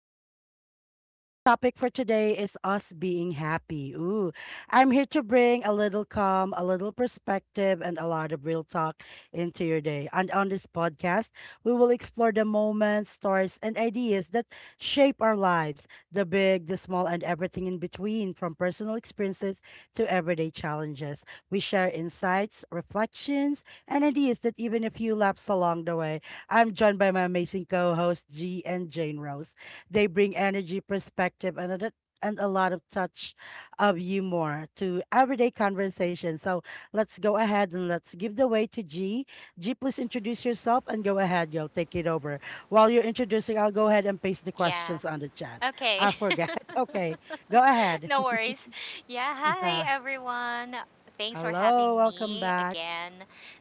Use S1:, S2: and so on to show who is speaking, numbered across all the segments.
S1: with Lisa. Our topic for today is us being happy. Ooh, I'm here to bring a little calm, a little perspective, and a lot of real talk into your day. And on this podcast, we will explore the moments, stories, and ideas that shape our lives, the big, the small, and everything in between, from personal experiences to everyday challenges. We share insights, reflections, and ideas that even a few laps along the way. I'm joined by my amazing co hosts, G and Jane Rose. They bring energy, perspective, and a lot of touch of humor to everyday conversation. So let's go ahead and let's give the way to G. G, please introduce yourself and go ahead. You'll take it over. While you're introducing, I'll go ahead and paste the
S2: Yeah.
S1: questions on the chat.
S2: Okay.
S1: I forgot. Okay, go ahead.
S2: No worries. Yeah. Hi,
S1: Yeah.
S2: everyone. Thanks for having
S1: Hello, welcome
S2: me
S1: back.
S2: again.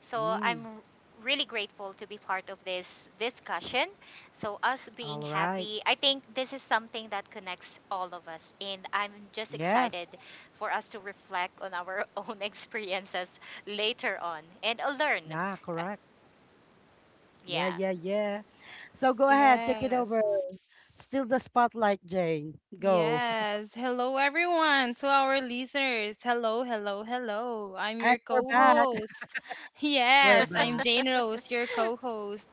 S2: So
S1: Mm,
S2: I'm really grateful to be part of this discussion. So us being
S1: all right.
S2: happy, I think this is something that connects all of us, and I'm just excited
S1: Yes.
S2: for us to reflect on our own experiences later on and learn.
S1: Yeah,
S2: Uh,
S1: correct. Yeah,
S2: yeah.
S1: yeah, yeah. So go ahead, take it over.
S3: Yes.
S1: Still the spotlight, Jane. Go.
S3: Yes. Hello, everyone, to our listeners. Hello, hello, hello. I'm your
S1: And we're
S3: co
S1: back.
S3: host.
S1: We're
S3: Yes, I'm
S1: back.
S3: Jane Rose, your co host.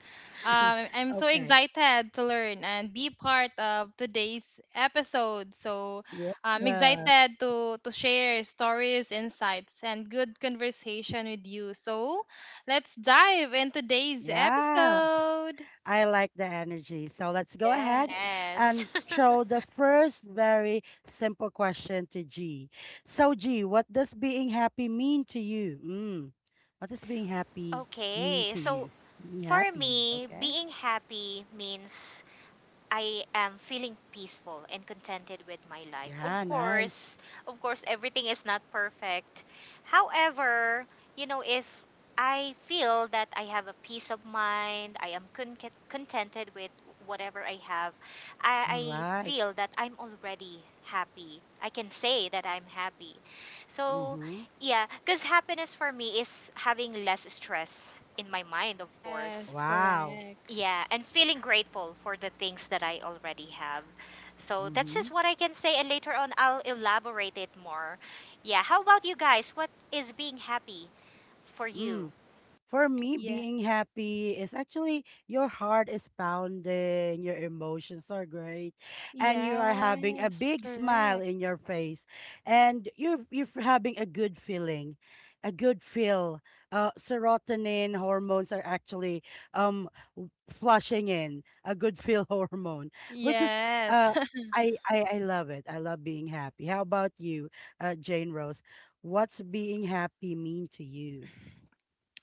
S3: I'm so
S1: Okay.
S3: excited to learn and be part of today's episode. So
S1: Yeah.
S3: I'm excited to share stories, insights, and good conversation with you. So let's dive in today's
S1: Yeah.
S3: episode.
S1: I like the energy. So let's go ahead
S3: Yes.
S2: Yes.
S1: and throw the first very simple question to G. So, G, what does being happy mean to you? Mm. What does being happy mean
S2: Okay,
S1: to
S2: so
S1: you? Being
S2: for
S1: happy.
S2: me,
S1: Okay.
S2: being happy means I am feeling peaceful and contented with my life. Of
S1: Yeah, nice.
S2: course, of course, everything is not perfect. However, if I feel that I have a peace of mind, I am contented with whatever I have, I,
S1: All
S2: I
S1: right.
S2: feel that I'm already happy. I can say that I'm happy. So,
S1: Mm-hmm.
S2: yeah, because happiness for me is having less stress in my mind, of course.
S3: Yes,
S1: Wow.
S3: correct.
S2: Yeah, and feeling grateful for the things that I already have. So that's just
S1: Mhm.
S2: what I can say, and later on I'll elaborate it more. Yeah, how about you guys? What is being happy for you?
S1: Mm. For me,
S3: Yeah.
S1: being happy is actually your heart is pounding, your emotions are great, and you are having a
S3: Yes,
S1: big smile
S3: correct.
S1: in your face, and you're having a good feeling, a good feel. Serotonin hormones are actually um flushing in a good feel hormone, which is
S3: Yes.
S1: uh I love it. I love being happy. How about you, Jane Rose? What's being happy mean to you?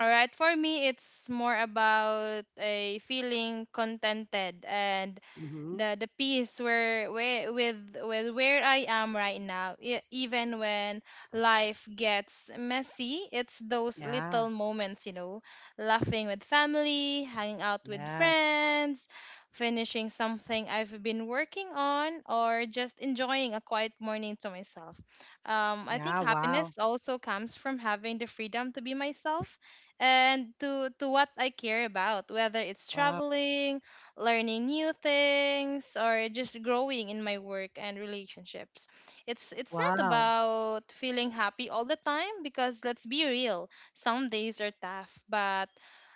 S3: All right, for me, it's more about a feeling contented and
S1: Mm-hmm.
S3: the peace where with where I am right now. Even when life gets messy, it's those
S1: Yeah.
S3: little moments, you know, laughing with family, hanging out with
S1: Yes.
S3: friends, finishing something I've been working on, or just enjoying a quiet morning to myself. I think
S1: Yeah. Wow.
S3: happiness also comes from having the freedom to be myself and to what I care about, whether it's
S1: Wow.
S3: traveling, learning new things, or just growing in my work and relationships. It's not
S1: Wow.
S3: about feeling happy all the time because let's be real, some days are tough, but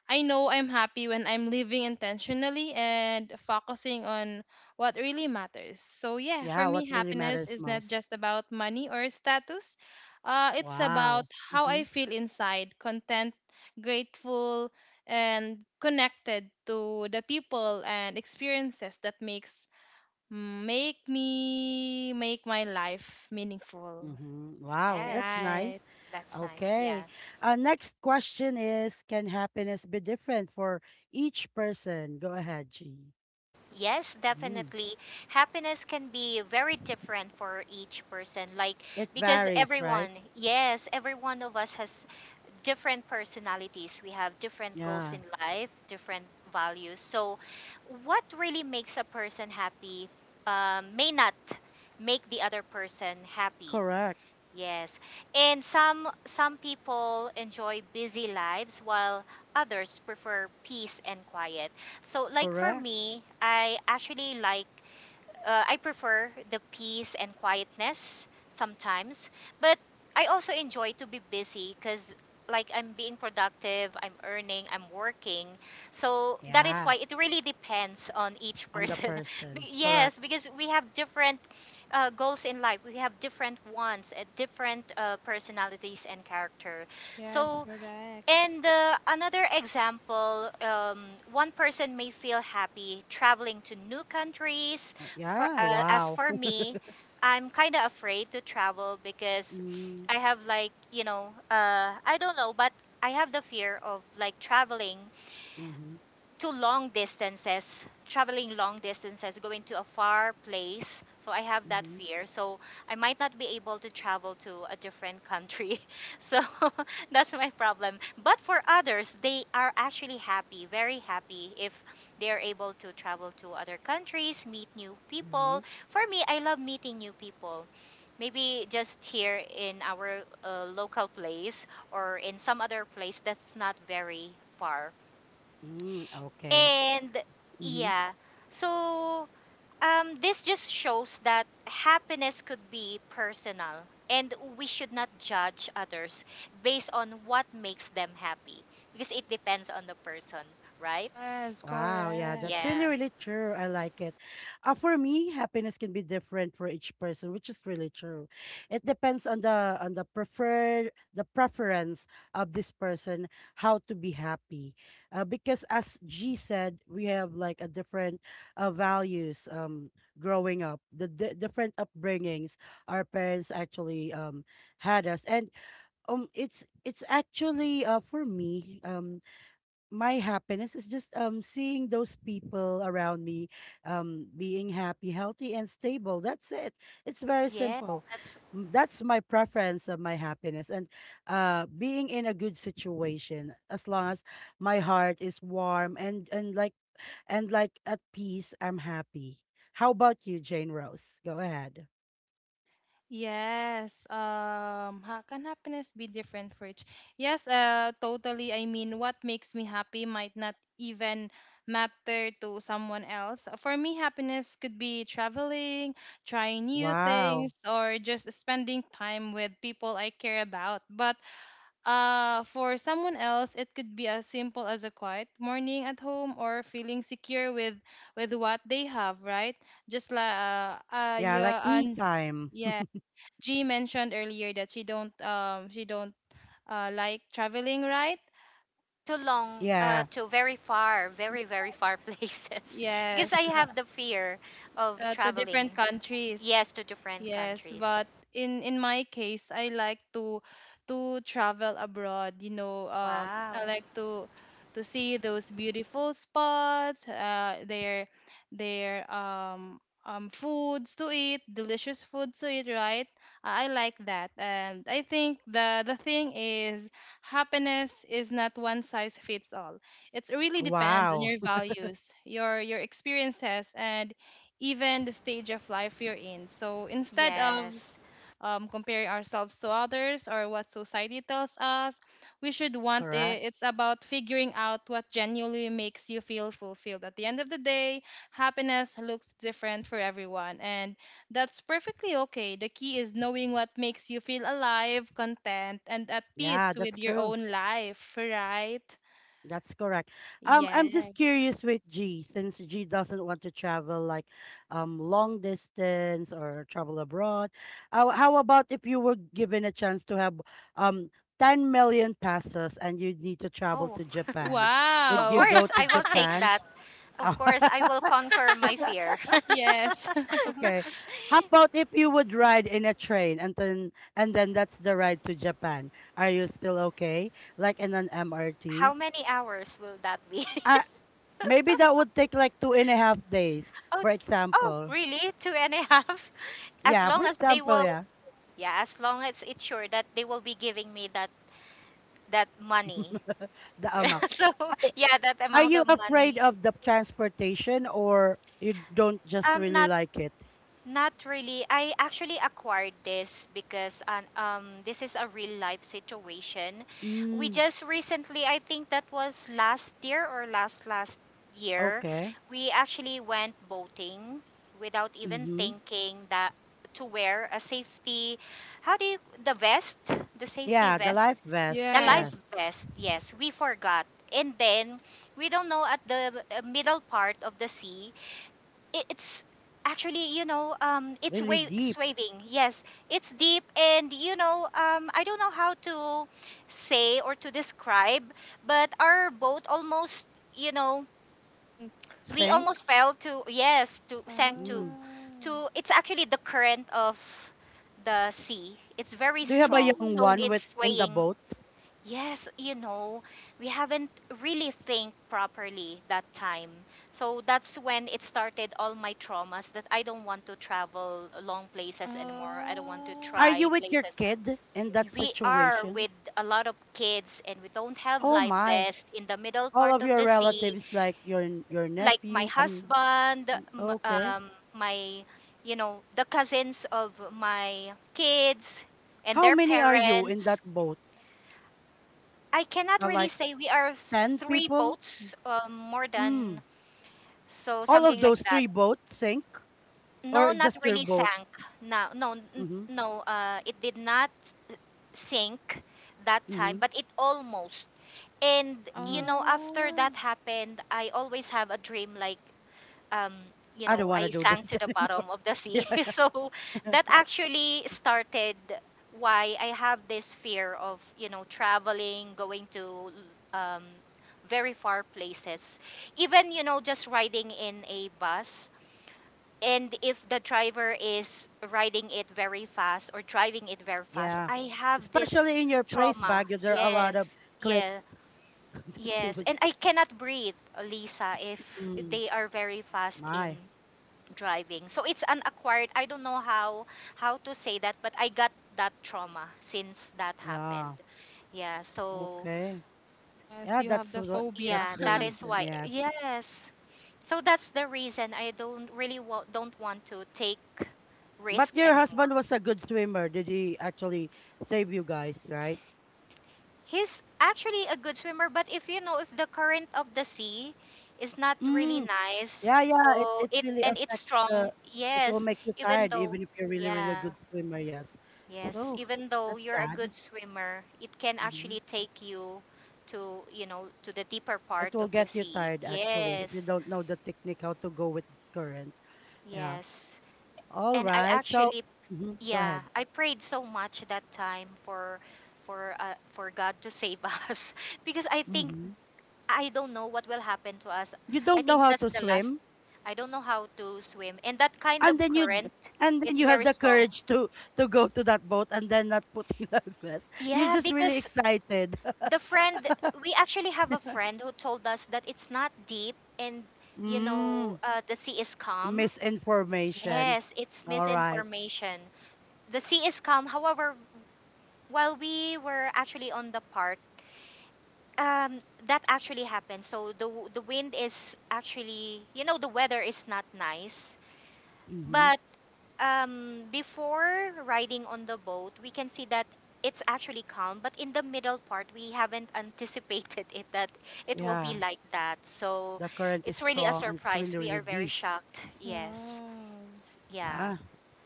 S3: I know I'm happy when I'm living intentionally and focusing on what really matters. So yeah,
S1: Yeah.
S3: for
S1: What
S3: me
S1: really
S3: happiness
S1: matters
S3: is not
S1: most.
S3: just about money or status. It's about
S1: Wow.
S3: how
S1: Mm-hmm.
S3: I feel inside, content grateful, and connected to the people and experiences that makes mm, make me make my life meaningful.
S1: Mm-hmm. Wow. That's
S2: Yes,
S3: Right.
S1: nice.
S2: that's nice. Yeah.
S1: Okay. Next question is, can happiness be different for each person? Go ahead, G.
S2: Yes,
S1: Mm.
S2: definitely. Happiness can be very different for each person. Like,
S1: It
S2: because
S1: varies, right?
S2: everyone, yes, every one of us has different personalities, we have different goals
S1: Yeah.
S2: in life, different values. So, what really makes a person happy may not make the other person happy.
S1: Correct.
S2: Yes, and some people enjoy busy lives while others prefer peace and quiet. So, like for
S1: Correct.
S2: me, I actually like I prefer the peace and quietness sometimes, but I also enjoy to be busy because like I'm being productive, I'm earning, I'm working. So that is
S1: Yeah.
S2: why it really depends on each
S1: On the
S2: person. Be-
S1: person. Correct.
S2: yes, because we have different goals in life. We have different wants, different personalities and character.
S3: Yes,
S2: So
S3: correct.
S2: and another example, one person may feel happy traveling to new countries.
S1: Oh,
S2: For
S1: yeah.
S2: As
S1: Wow.
S2: for me, I'm kind of afraid to travel because
S1: Mm-hmm.
S2: I have like I don't know, but I have the fear of like traveling
S1: Mm-hmm.
S2: to long distances, traveling long distances, going to a far place. So I have that
S1: Mm-hmm.
S2: fear. So I might not be able to travel to a different country. So that's my problem. But for others, they are actually happy, very happy if they are able to travel to other countries, meet new
S1: Mm-hmm.
S2: people. For me, I love meeting new people. Maybe just here in our local place or in some other place that's not very far,
S1: Mm, okay.
S2: and
S1: Mm-hmm.
S2: yeah, so this just shows that happiness could be personal, and we should not judge others based on what makes them happy because it depends on the person, right?
S3: Yes,
S1: Wow, yeah, that's
S3: correct.
S1: really,
S2: Yeah,
S1: really true. I like it. For me, happiness can be different for each person, which is really true. It depends on the preference of this person, how to be happy. Because as G said, we have like a different values, growing up, the di different upbringings our parents actually had us, and it's actually for me, My happiness is just seeing those people around me, being happy, healthy, and stable. That's it. It's very
S2: yeah,
S1: simple.
S2: that's
S1: That's my preference of my happiness. And being in a good situation, as long as my heart is warm and like at peace, I'm happy. How about you, Jane Rose? Go ahead.
S3: Yes. How can happiness be different for each? Yes, totally. I mean, what makes me happy might not even matter to someone else. For me, happiness could be traveling, trying new
S1: Wow.
S3: things, or just spending time with people I care about. But for someone else, it could be as simple as a quiet morning at home or feeling secure with what they have, right? Just like
S1: Yeah, like
S3: yeah,
S1: me
S3: and
S1: time.
S3: yeah. G mentioned earlier that she don't like traveling, right?
S2: too long,
S1: Yeah.
S2: to very far, very, very far places because I
S3: Yes,
S2: have the fear of
S3: to different
S2: traveling,
S3: countries.
S2: yes, to different
S3: Yes,
S2: countries.
S3: but in my case, I like to travel abroad. You know, I
S2: Wow,
S3: like to see those beautiful spots, their foods to eat, delicious foods to eat, right? I like that, and I think the thing is happiness is not one size fits all. It really depends on
S1: Wow.
S3: your values, your experiences, and even the stage of life you're in. So instead of
S2: yes.
S3: comparing ourselves to others or what society tells us, we should want
S1: Correct.
S3: it's about figuring out what genuinely makes you feel fulfilled. At the end of the day, happiness looks different for everyone, and that's perfectly okay. The key is knowing what makes you feel alive, content, and at
S1: Yeah,
S3: peace with
S1: that's
S3: your
S1: true.
S3: own life, right?
S1: That's correct. I'm just
S3: Yes.
S1: curious with G, since G doesn't want to travel, like long distance or travel abroad. How about if you were given a chance to have um 10 million pesos and you need to travel
S2: Oh,
S1: to Japan?
S2: of
S1: Would you
S3: Wow.
S1: go
S2: course,
S1: to
S2: I will take
S1: Japan?
S2: that. Of course, I will conquer my fear.
S3: Yes.
S1: Okay. How about if you would ride in a train, and then that's the ride to Japan? Are you still okay? Like in an
S2: How
S1: MRT?
S2: many hours will that be?
S1: I Maybe that would take like 2.5 days,
S2: Oh,
S1: for
S2: oh,
S1: example.
S2: really? Two and a half? As
S1: Yeah, for
S2: long as they
S1: example,
S2: will,
S1: yeah.
S2: yeah, as long as it's sure that they will be giving me that money.
S1: The amount.
S2: So, yeah, that
S1: Are
S2: amount
S1: you
S2: of
S1: afraid
S2: money.
S1: of the transportation or you don't just
S2: I'm
S1: really
S2: not
S1: like it?
S2: Not really. I actually acquired this this is a real life situation. We
S1: Mm,
S2: just recently, I think that was last year or last year,
S1: okay.
S2: we actually went boating without even
S1: Mm-hmm.
S2: thinking that to wear a safety, how do you, the vest, the safety
S1: Yeah, the
S2: vest,
S1: life vest.
S2: the
S3: Yes,
S2: life
S1: Yes.
S2: vest. Yes, we forgot. And then we don't know at the middle part of the sea, it's actually, it's
S1: Really
S2: wave
S1: deep.
S2: swaying, yes, it's deep, and I don't know how to say or to describe, but our boat almost, you know
S3: think.
S2: we
S1: Sink.
S2: almost fell to, yes, to sank to
S1: Mm.
S3: Ah.
S2: to it's actually the current of the sea, it's very
S1: Do you have a
S2: strong,
S1: young
S2: so
S1: one
S3: Mm.
S1: with
S2: it's
S1: in the
S2: swaying.
S1: boat?
S2: Yes, we haven't really think properly that time. So that's when it started all my traumas that I don't want to travel long places anymore. I don't want to
S1: Are
S3: Ah.
S1: you
S2: try
S1: with your
S2: places.
S1: kid in that
S2: We are
S1: situation?
S2: with a lot of kids and we don't have
S1: Oh
S2: life
S1: my.
S2: vest in the middle
S1: All
S2: part
S1: of
S2: of
S1: your
S2: the sea.
S1: relatives, like your your
S2: Like my
S1: nephew. I'm
S2: husband,
S1: okay.
S2: the cousins of my kids and
S1: How
S2: their
S1: many are you in
S2: parents.
S1: that boat?
S2: I cannot really
S1: Like
S2: say, we are
S1: 10
S2: three
S1: people?
S2: boats, more than,
S1: Mm.
S2: so
S1: All of
S2: something like
S1: those
S2: that.
S1: three boats sink?
S2: No,
S1: Or
S2: not
S1: just your
S2: really
S1: boat?
S2: sank. No, no,
S1: Mm-hmm.
S2: no. It did not sink that time,
S1: Mm-hmm.
S2: but it almost. And
S1: Mm-hmm.
S3: Ah.
S2: after that happened, I always have a dream like, um,
S1: I don't want to
S2: I
S1: do
S2: sank
S1: this
S2: to the
S1: anymore.
S2: bottom of the sea.
S1: Yeah.
S2: So that actually started why I have this fear of, traveling, going to um, very far places. Even, just riding in a bus. And if the driver is riding it very fast or driving it very fast,
S1: Yeah.
S2: I have this
S1: Especially in your place,
S2: trauma.
S1: Baguio, there are a lot of
S2: Yes,
S1: cliffs
S2: yeah,
S1: that you
S2: yes.
S1: would.
S2: And I cannot breathe, Lisa, if
S1: Mm,
S2: they are very fast in
S1: my.
S2: driving. So it's an acquired, I don't know how to say that, but I got that trauma since that happened.
S1: Yeah.
S2: Yeah, so
S1: Okay.
S3: Yes,
S1: Yeah,
S3: you have the phobia.
S1: that's
S2: yeah,
S1: the
S2: that is
S1: reason.
S2: why.
S1: Yes.
S2: Yes. So that's the reason I don't really don't want to take
S1: But
S2: risk
S1: your
S2: anymore.
S1: husband was a good swimmer. Did he actually save you guys, right?
S2: He's actually a good swimmer, but if you know if the current of the sea is not really
S1: Mm.
S2: nice,
S1: Yeah, yeah, it
S2: so
S1: it
S2: it,
S1: really
S2: and it's
S1: affects
S2: strong.
S1: the it will
S2: Yes,
S1: make you
S2: even
S1: tired
S2: though,
S1: even if you're really, really a
S2: yeah.
S1: good swimmer, yes.
S2: Yes,
S1: So
S2: even though
S1: that's
S2: you're a
S1: sad.
S2: good swimmer, it can
S1: Hmm.
S2: actually take you to the deeper part
S1: It will
S2: of the
S1: get you
S2: sea.
S1: tired actually if you
S2: Yes,
S1: don't know the technique how to go with the current. Yeah.
S2: yes.
S1: All
S2: And I
S1: right. So,
S2: actually,
S1: mhm, go
S2: yeah,
S1: ahead.
S2: I prayed so much that time for God to save us because I think
S1: Hmm.
S2: I don't know what will happen to us.
S1: You
S2: I
S1: don't know
S2: think
S1: how
S2: that's
S1: to
S2: the last.
S1: swim,
S2: I don't know how to swim. And that kind
S1: and
S2: of
S1: then you d-
S2: current,
S1: and then
S2: it's
S1: you have
S2: very
S1: the
S2: strong.
S1: courage to go to that boat and then not putting life vest. You're
S2: Yeah,
S1: just really
S2: because
S1: excited.
S2: the friend we actually have a friend who told us that it's not deep, and
S1: Mm,
S2: the sea is calm,
S1: misinformation.
S2: yes, it's
S1: All right.
S2: misinformation, the sea is calm. However, while we were actually on the part um, that actually happened, so the w- the wind is actually you know the weather is not nice.
S1: Mm-hmm.
S2: But before riding on the boat, we can see that it's actually calm. But in the middle part, we haven't anticipated it that it will be
S1: Yeah,
S2: like that. So
S1: the current is
S2: it's really a
S1: strong and it's
S2: surprise.
S1: really,
S2: We
S1: really
S2: are very
S1: deep.
S2: shocked. Yes.
S3: Wow.
S2: Yeah.
S1: Ah,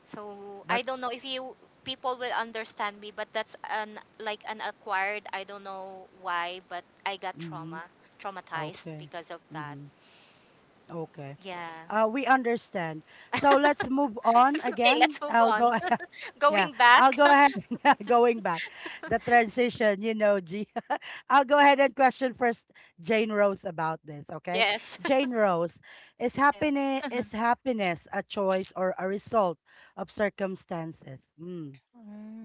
S2: So
S1: but
S2: I don't know if you people will understand me, but that's an like an acquired. I don't know why, but I got
S1: mm-hmm.
S2: trauma, traumatized
S1: Okay.
S2: because of that.
S1: Mm-hmm. Okay.
S2: Yeah.
S1: We understand. So let's move on
S2: It's okay.
S1: again.
S2: Let's move
S1: I'll
S2: on.
S1: go ahead. Yeah,
S2: Going
S1: I'll
S2: back.
S1: go ahead. Going back, the transition, G. I'll go ahead and question first Jane Rose about this. Okay,
S2: Yes.
S1: Jane Rose, is
S3: Yes.
S1: happiness is happiness a choice or a result of circumstances? Mm,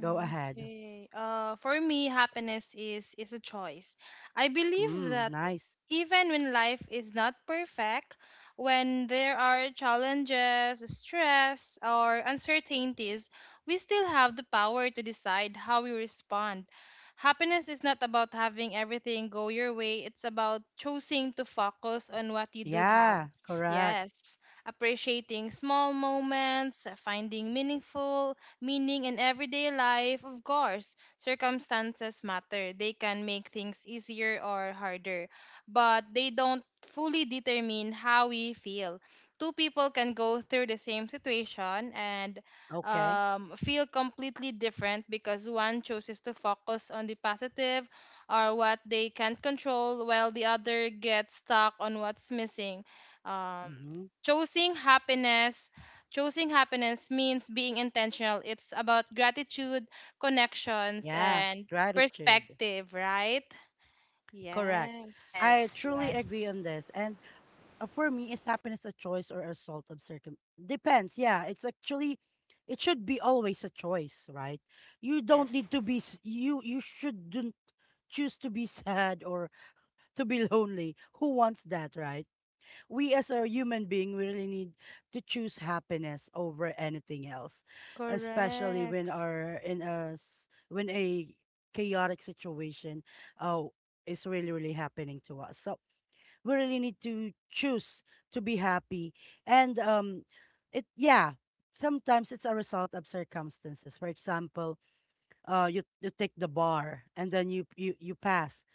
S1: go ahead.
S3: okay. For me, happiness is a choice. I believe
S1: Mm,
S3: that
S1: nice.
S3: even when life is not perfect, when there are challenges, stress, or uncertainties, we still have the power to decide how we respond. Happiness is not about having everything go your way, it's about choosing to focus on what you do have.
S1: Yeah, correct.
S3: Yes, appreciating small moments, finding meaning in everyday life. Of course circumstances matter. They can make things easier or harder, but they don't fully determine how we feel. Two people can go through the same situation and
S1: Okay.
S3: feel completely different because one chooses to focus on the positive or what they can control, while the other gets stuck on what's missing. Um,
S1: Mm-hmm.
S3: choosing happiness. Choosing happiness means being intentional. It's about gratitude, connections,
S1: Yeah,
S3: and
S1: gratitude.
S3: perspective, right?
S1: Correct.
S3: Yes.
S1: I
S2: Yes,
S1: truly
S2: yes,
S1: agree on this. And for me, is happiness a choice or a result of circum? Depends. Yeah, it's actually, it should be always a choice, right? You don't
S2: yes.
S1: need to be, you shouldn't choose to be sad or to be lonely. Who wants that, right? We as a human being, we really need to choose happiness over anything else, especially when
S3: Correct.
S1: are in a s- when a chaotic situation oh is really, really happening to us. So we really need to choose to be happy. And it yeah sometimes it's a result of circumstances. For example, you take the bar and then you pass,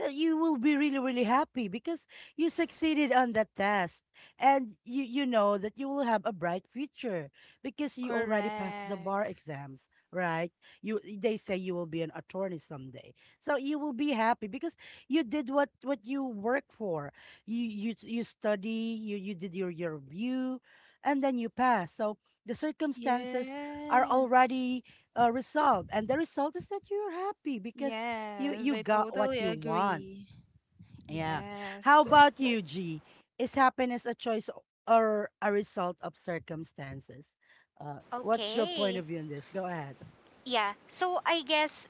S1: you will be really, really happy because you succeeded on that test, and you know that you will have a bright future because you already passed the bar
S3: Correct.
S1: exams, right? You, they say, you will be an attorney someday. So you will be happy because you did what you work for. You study, you did your review, and then you pass. So the circumstances are
S3: Yes.
S1: already, result, and the result is that you're happy because you
S3: Yes,
S1: you
S3: I
S1: got
S3: totally
S1: what you want.
S3: agree.
S1: Yeah. How
S3: Yes.
S1: about you, G? Is happiness a choice or a result of circumstances? What's your point
S2: Okay.
S1: of view on this? Go ahead.
S2: Yeah. So I guess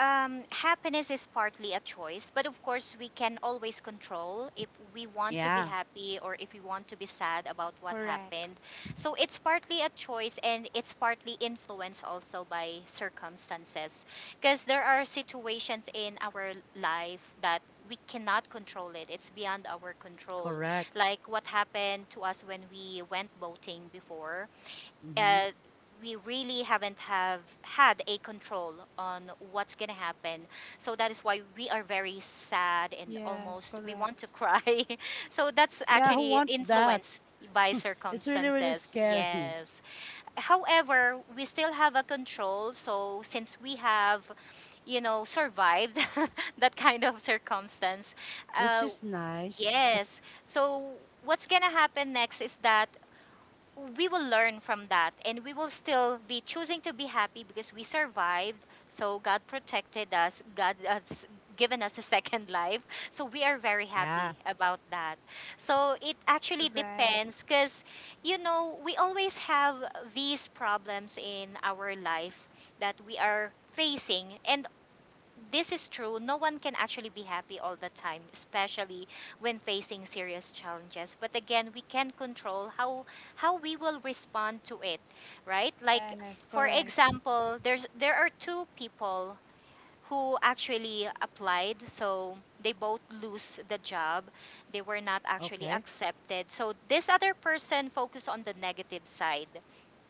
S2: happiness is partly a choice, but of course, we can always control if we want to be
S1: Yeah,
S2: happy or if we want to be sad about what
S3: Correct.
S2: happened. So it's partly a choice and it's partly influenced also by circumstances. Because there are situations in our life that we cannot control it, it's beyond our control.
S1: correct.
S2: Like what happened to us when we went boating before,
S1: Mm-hmm.
S2: uh, we really haven't have had a control on what's gonna happen. So that is why we are very sad and
S3: Yes,
S2: almost we want
S3: correct.
S2: to cry. So that's
S1: Yeah, who
S2: actually
S1: wants that?
S2: influenced by
S1: It's really, really
S2: circumstances.
S1: scary.
S2: Yes. However, we still have a control. So since we have, survived that kind of circumstance,
S1: Which
S2: uh,
S1: is nice.
S2: yes. So what's gonna happen next is that we will learn from that, and we will still be choosing to be happy because we survived, so God protected us. God has given us a second life, so we are very
S1: Yeah.
S2: happy about that. So it actually depends,
S3: Correct.
S2: because we always have these problems in our life that we are facing, and this is true. No one can actually be happy all the time, especially when facing serious challenges. But again, we can control how we will respond to it, right? Like
S3: Yes,
S2: for
S3: correct.
S2: example, there are two people who actually applied, so they both lose the job. They were not actually
S1: Okay.
S2: accepted. So this other person focused on the negative side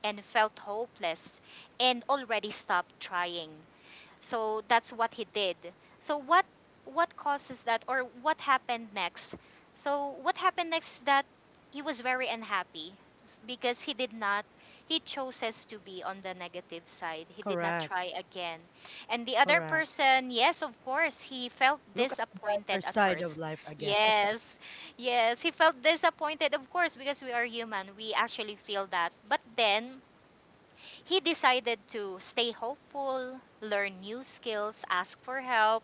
S2: and felt hopeless and already stopped trying, so that's what he did. So what causes that or what happened next? So what happened next is that he was very unhappy because he did not he chooses to be on the negative side. He did not
S1: Correct.
S2: try again. And the other
S1: Correct.
S2: person, yes, of course, he felt
S1: Look at the
S2: disappointed
S1: brighter
S2: at
S1: side of
S2: first.
S1: life again.
S2: Yes. Yes, he felt disappointed, of course, because we are human. We actually feel that. But then he decided to stay hopeful, learn new skills, ask for help,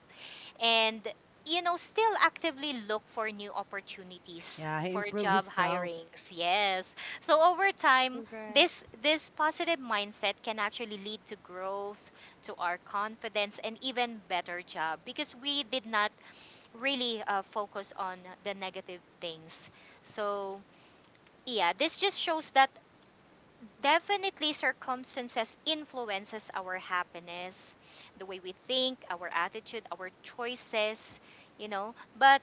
S2: and still actively look for new opportunities
S1: Yeah, he
S2: for
S1: improved
S2: job
S1: himself.
S2: hirings. Yes. So over time, this
S3: Correct.
S2: this positive mindset can actually lead to growth, to our confidence and even better job because we did not really focus on the negative things. So, yeah, this just shows that definitely, circumstances influences our happiness, the way we think, our attitude, our choices, you know. But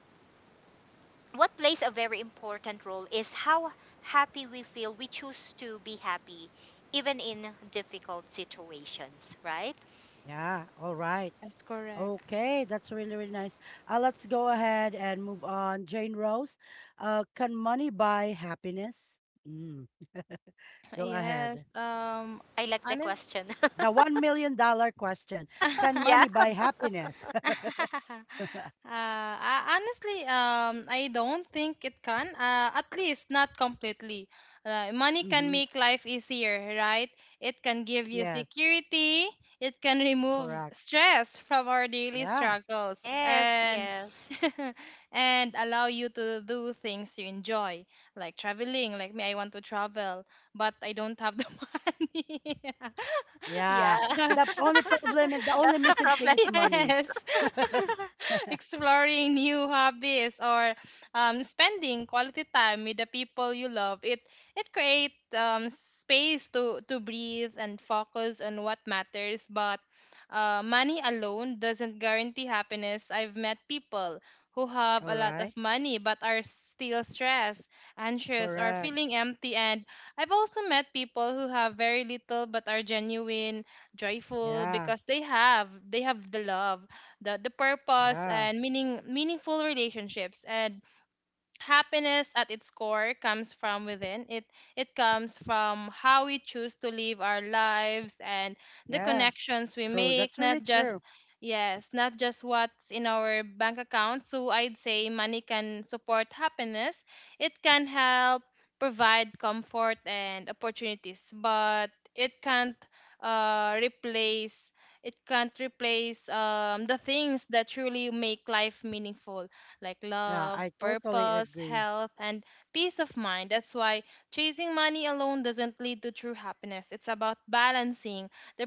S2: what plays a very important role is how happy we feel. We choose to be happy, even in difficult situations, right?
S1: Yeah. All right.
S3: Yes, correct.
S1: Okay, that's really, really nice. Let's go ahead and move on. Jane Rose, can money buy happiness? Mm, go ahead.
S3: Yes,
S2: I like the
S3: honest
S2: question.
S1: The 1 million dollar question. Can
S2: yeah.
S1: money buy happiness?
S3: uh, uh, honestly, I don't think it can. At least not completely. Money can
S1: Mm-hmm.
S3: make life easier, right? It can give you
S1: Yes,
S3: security. It can remove
S1: correct.
S3: stress from our daily
S1: Yeah,
S3: struggles,
S2: Yes,
S3: and
S2: yes.
S3: and allow you to do things you enjoy, like traveling. Like me, I want to travel, but I don't have the money.
S2: Yeah.
S1: yeah. The only problem and the only
S2: That's the
S1: missing thing
S2: problem.
S1: is money.
S3: Yes. Exploring new hobbies or spending quality time with the people you love. It creates space to breathe and focus on what matters. But money alone doesn't guarantee happiness. I've met people who have
S1: All
S3: a lot
S1: right,
S3: of money but are still stressed, anxious, or
S1: correct.
S3: feeling empty. And I've also met people who have very little but are genuine joyful
S1: Yeah,
S3: because they have the love, the purpose
S1: yeah,
S3: and meaningful relationships, and happiness at its core comes from within. It comes from how we choose to live our lives and the
S1: yes.
S3: connections we
S1: True.
S3: make,
S1: That's
S3: not
S1: really
S3: just
S1: true.
S3: yes not just what's in our bank account. So I'd say money can support happiness. It can help provide comfort and opportunities, but it can't uh, replace replace the things that truly make life meaningful, like
S1: Yeah,
S3: love,
S1: I totally
S3: purpose,
S1: agree.
S3: health, and peace of mind. That's why chasing money alone doesn't lead to true happiness. It's about balancing the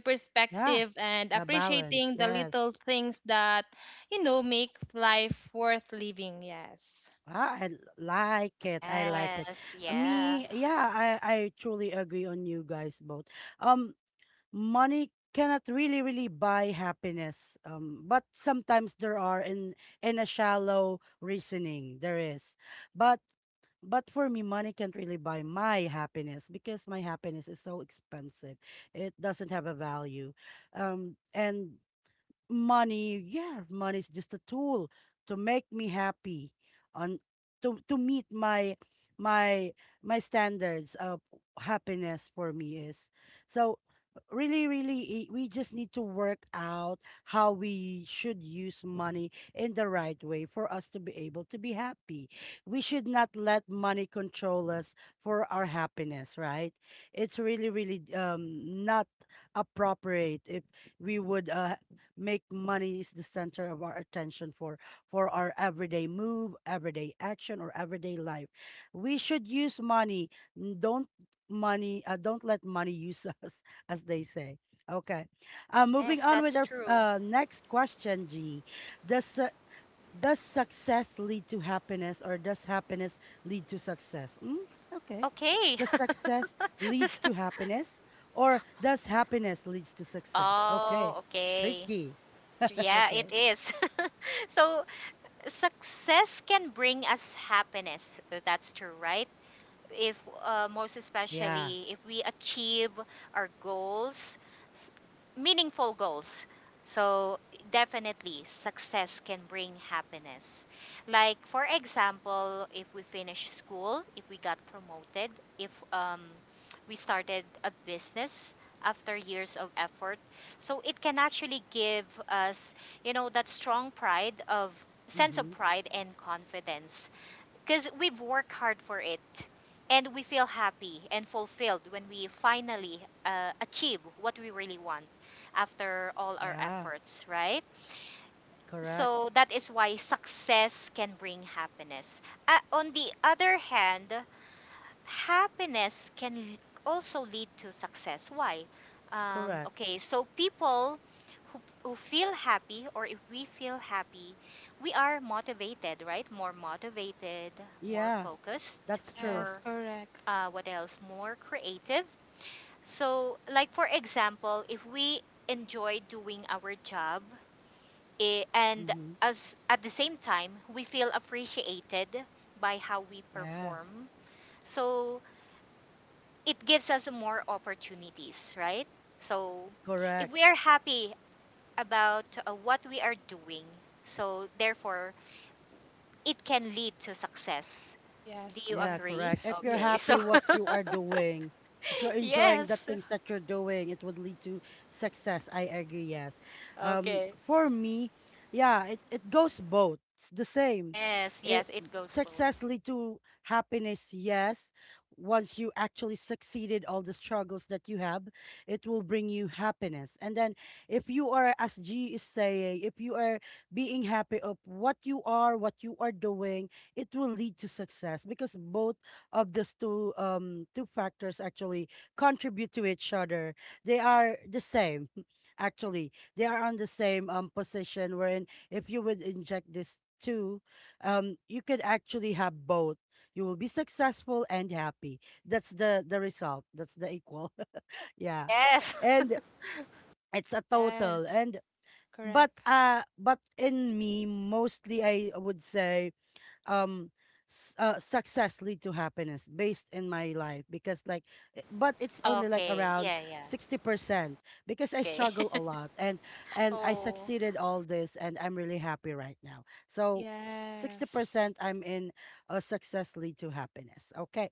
S1: Yeah.
S3: perspective and
S1: The balance,
S3: appreciating the
S1: yes.
S3: little things that, you know, make life worth living. Yes.
S1: Ah, I like it. I like it.
S2: Yes, yeah.
S1: Me, yeah, I truly agree on you guys both. Um, Money cannot really, really buy happiness. But sometimes there are, in a shallow reasoning there is. But but for me, money can't really buy my happiness because my happiness is so expensive. It doesn't have a value. And money, money is just a tool to make me happy, on, to meet my my standards of happiness. For me is so really, really, we just need to work out how we should use money in the right way for us to be able to be happy. We should not let money control us for our happiness, right? It's really, really not appropriate if we would, make money is the center of our attention, for our everyday move, everyday action, or everyday life. We should use money. Don't money. Don't let money use us, as they say. Okay. Moving
S2: Yes,
S1: on with
S2: that's
S1: our
S2: true.
S1: next question, G. Does su- does success lead to happiness, or does happiness lead to success? Mm, okay.
S2: Okay.
S1: Does success leads
S2: this,
S1: to happiness, or does happiness leads to success? Okay.
S2: oh, okay.
S1: Tricky.
S2: Yeah, it
S1: Okay.
S2: is. So, success can bring us happiness. That's true, right? if Most
S1: Yeah.
S2: especially if we achieve our goals, s- meaningful goals. So definitely success can bring happiness, like for example, if we finish school, if we got promoted, if we started a business after years of effort. So it can actually give us that strong pride of sense of
S1: Mm-hmm.
S2: pride and confidence, because we've worked hard for it, and we feel happy and fulfilled when we finally achieve what we really want after all our
S1: Yeah.
S2: efforts, right?
S1: Correct.
S2: So that is why success can bring happiness. On the other hand, happiness can also lead to success. Why?
S1: Correct.
S2: Okay, so people who feel happy, or if we feel happy, we are motivated, right? More motivated, more
S1: Yeah.
S2: focused,
S1: That's true.
S3: Yes,
S2: more,
S3: correct.
S2: what else? More creative. So, like for example, if we enjoy doing our job and
S1: Mm-hmm.
S2: as at the same time we feel appreciated by how we
S1: Yeah.
S2: perform, so it gives us more opportunities, right? So, if
S1: Correct.
S2: we are happy about what we are doing, so therefore it can lead to success.
S3: Yes,
S2: Do you
S1: Yeah,
S3: correct.
S2: agree?
S1: correct. If you're
S3: Yeah.
S2: Okay.
S1: happy
S2: So,
S1: what you are doing, if you're enjoying the
S2: yes.
S1: things that you're doing, it would lead to success. I agree, yes.
S2: Okay.
S1: For me, yeah, it goes both. It's the same.
S2: Yes,
S1: It
S2: yes, it goes both.
S1: Success lead to happiness, yes. Once you actually succeeded all the struggles that you have, it will bring you happiness. And then if you are, as G is saying, if you are being happy of what you are doing, it will lead to success because both of those two two factors actually contribute to each other. They are the same. Actually, they are on the same position wherein if you would inject this two, you could actually have both. You will be successful and happy. That's the result. That's the equal. yeah.
S2: Yes.
S1: And it's a total.
S3: Yes,
S1: And but
S3: correct.
S1: uh but in me mostly I would say um success lead to happiness based in my life because like but it's only like
S2: Okay.
S1: around
S2: Yeah, yeah.
S1: 60% because I
S2: Okay.
S1: struggle a lot and I
S2: oh.
S1: succeeded all this and I'm really happy right now. So
S3: Yes.
S1: 60% I'm in a success lead to happiness. Okay.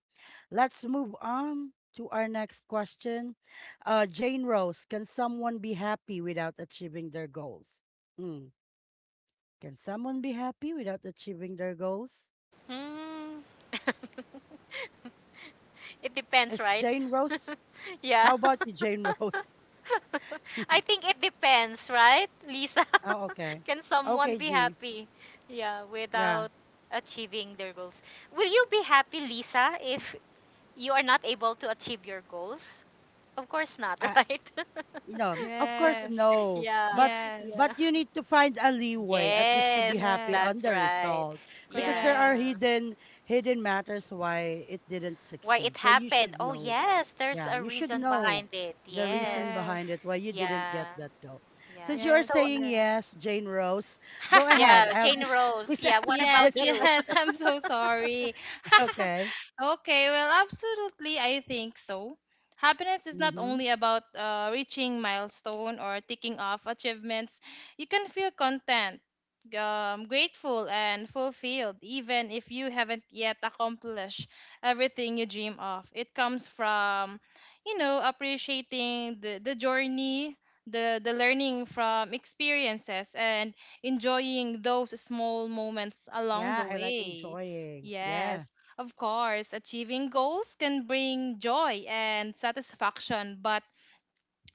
S1: Let's move on to our next question. Uh, Jane Rose, can someone be happy without achieving their goals? Mm. Can someone be happy without achieving their goals?
S2: Hmm. It depends,
S1: Is
S2: right?
S1: Jane Rose?
S2: yeah.
S1: How about you, Jane Rose?
S2: I think it depends, right, Lisa?
S1: Oh, okay.
S2: Can someone
S1: Okay,
S2: be
S1: G.
S2: happy? Yeah,
S1: Yeah.
S2: without achieving their goals. Will you be happy, Lisa, if you are not able to achieve your goals? Of course not,
S1: I,
S2: right?
S1: you know, of course,
S3: Yes.
S1: no.
S2: yeah.
S1: But but
S2: Yeah.
S3: Yes.
S1: you need to find a leeway at least to be
S2: Yes,
S1: happy
S3: Yes.
S1: on
S2: that's
S1: the
S2: right.
S1: result because there
S2: Yeah.
S1: are
S3: Correct.
S1: hidden matters why it didn't
S2: Why
S1: succeed.
S2: it
S1: So you
S2: happened?
S1: should
S2: Oh,
S1: know.
S2: yes, there's
S1: Yeah,
S2: a
S1: you should
S2: reason
S1: know
S2: behind it.
S1: the reason
S2: Yes.
S1: behind it
S3: Yes.
S1: why you didn't get
S2: Yeah.
S1: that goal.
S2: Yeah.
S1: Since you are
S3: Yes,
S2: So,
S1: saying
S3: correct.
S1: yes, Jane Rose, go ahead.
S2: yeah,
S1: I'll
S2: Jane Rose.
S1: please
S2: Yeah, what
S1: answer
S2: about
S3: Yes,
S1: the
S2: you?
S3: yes,
S1: question.
S3: I'm so sorry.
S1: Okay.
S3: Okay, well, absolutely, I think so. Happiness is not
S1: Mm-hmm.
S3: only about reaching milestone or ticking off achievements. You can feel content, grateful, and fulfilled, even if you haven't yet accomplished everything you dream of. It comes from, you know, appreciating the journey, the learning from experiences, and enjoying those small moments along
S1: Yeah,
S3: the
S1: I like
S3: way.
S1: enjoying. Yeah.
S3: Yes. Of course, achieving goals can bring joy and satisfaction, but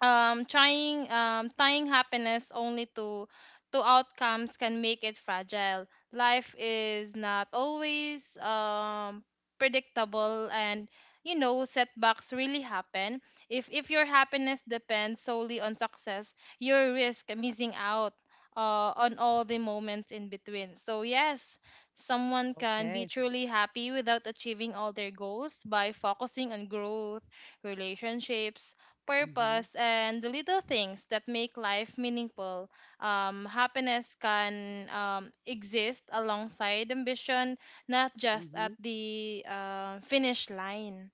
S3: trying tying happiness only to outcomes can make it fragile. Life is not always predictable, and you know setbacks really happen. If your happiness depends solely on success, you risk missing out on all the moments in between. So yes, someone can be
S1: Okay.
S3: truly happy without achieving all their goals by focusing on growth, relationships,
S1: Mm-hmm.
S3: purpose, and the little things that make life meaningful. Happiness can exist alongside ambition, not just at
S1: Mm-hmm.
S3: the finish line.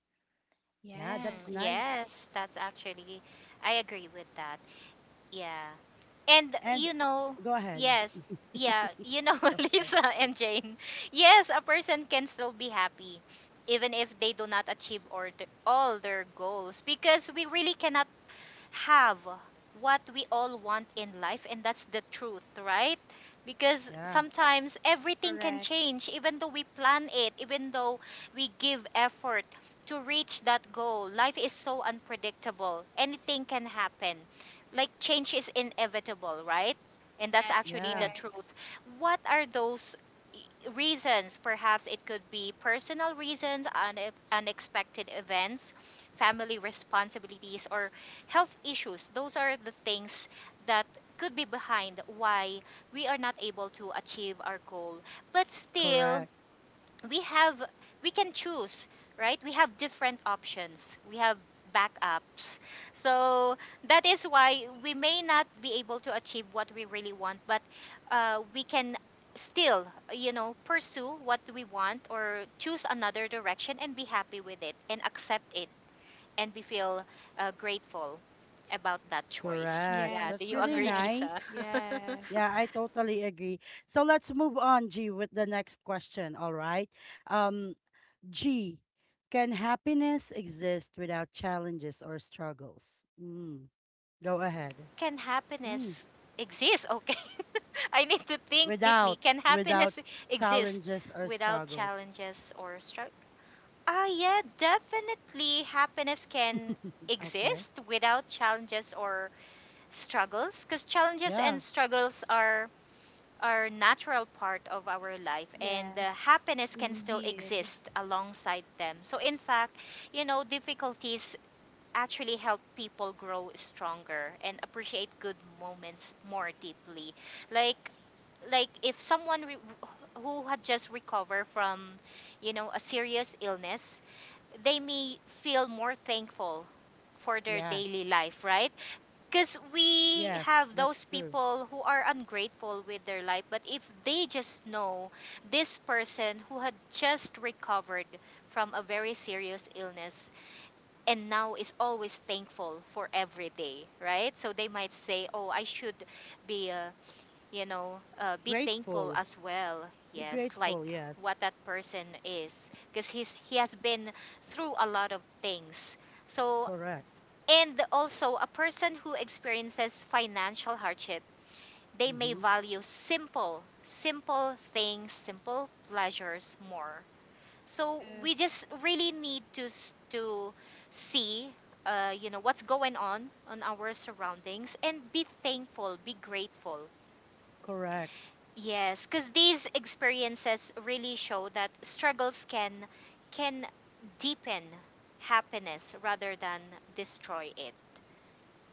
S1: Yeah, that's
S3: Yes,
S1: nice.
S2: yes, I agree with that. Yeah. And
S1: And
S2: you know,
S1: go ahead.
S2: yes, yeah,
S1: Okay.
S2: Lisa and Jane, yes, a person can still be happy even if they do not achieve or all their goals because we really cannot have what we all want in life, and that's the truth, right? Because
S1: Yeah.
S2: sometimes everything can
S3: correct,
S2: change, even though we plan it, even though we give effort to reach that goal. Life is so unpredictable, anything can happen. Like, change is inevitable, right? And that's
S3: correct.
S2: actually the
S1: Yeah.
S2: truth. What are those, e, reasons. Perhaps it could be personal reasons, unexpected events, family responsibilities, or health issues. Those are the things that could be behind why we are not able to achieve our goal. But still,
S1: Correct.
S2: we have we can choose, right? We have different options. We have backups. So that is why we may not be able to achieve what we really want, but we can still, you know, pursue what we want or choose another direction and be happy with it and accept it, and we feel grateful about that choice.
S1: Correct.
S2: Yeah,
S3: Yes,
S2: do
S1: That's
S2: you
S1: really
S2: agree,
S3: correct.
S2: Lisa?
S1: nice. Yeah,
S3: Yes,
S1: I totally agree. So let's move on, G, with the next question. All right. Um, G, can happiness exist without challenges or struggles? Mm, go ahead.
S2: Can
S1: Mm,
S2: happiness exist? Okay. I need to think deeply.
S1: without,
S2: Can
S1: without
S2: happiness exist
S1: challenges or
S2: without
S1: struggles.
S2: challenges or struggle? Ah, yeah, definitely happiness can
S1: Okay.
S2: exist without challenges or struggles, because challenges
S1: Yeah.
S2: and struggles are natural part of our life, and
S3: yes,
S2: happiness can still
S3: indeed.
S2: exist alongside them. So in fact, difficulties actually help people grow stronger and appreciate good moments more deeply, like if someone who had just recovered from, you know, a serious illness, they may feel more thankful for their
S1: Yes.
S2: daily life, right? Because we
S1: Yes.
S2: have
S1: That's
S2: those
S1: true.
S2: people who are ungrateful with their life, but if they just know this person who had just recovered from a very serious illness and now is always thankful for every day, right? So they might say, oh, I should be be thankful
S1: Grateful.
S2: as well.
S1: Be
S2: Yes,
S1: grateful.
S2: like
S1: Yes.
S2: what that person is, because he has been through a lot of things. So,
S1: Correct.
S2: and also, a person who experiences financial hardship, they may
S1: Mm-hmm.
S2: value simple, simple things, simple pleasures more. So we
S3: Yes,
S2: just really need to see, what's going on our surroundings and be thankful, be grateful.
S1: Correct.
S2: Yes, because these experiences really show that struggles can deepen happiness rather than destroy it.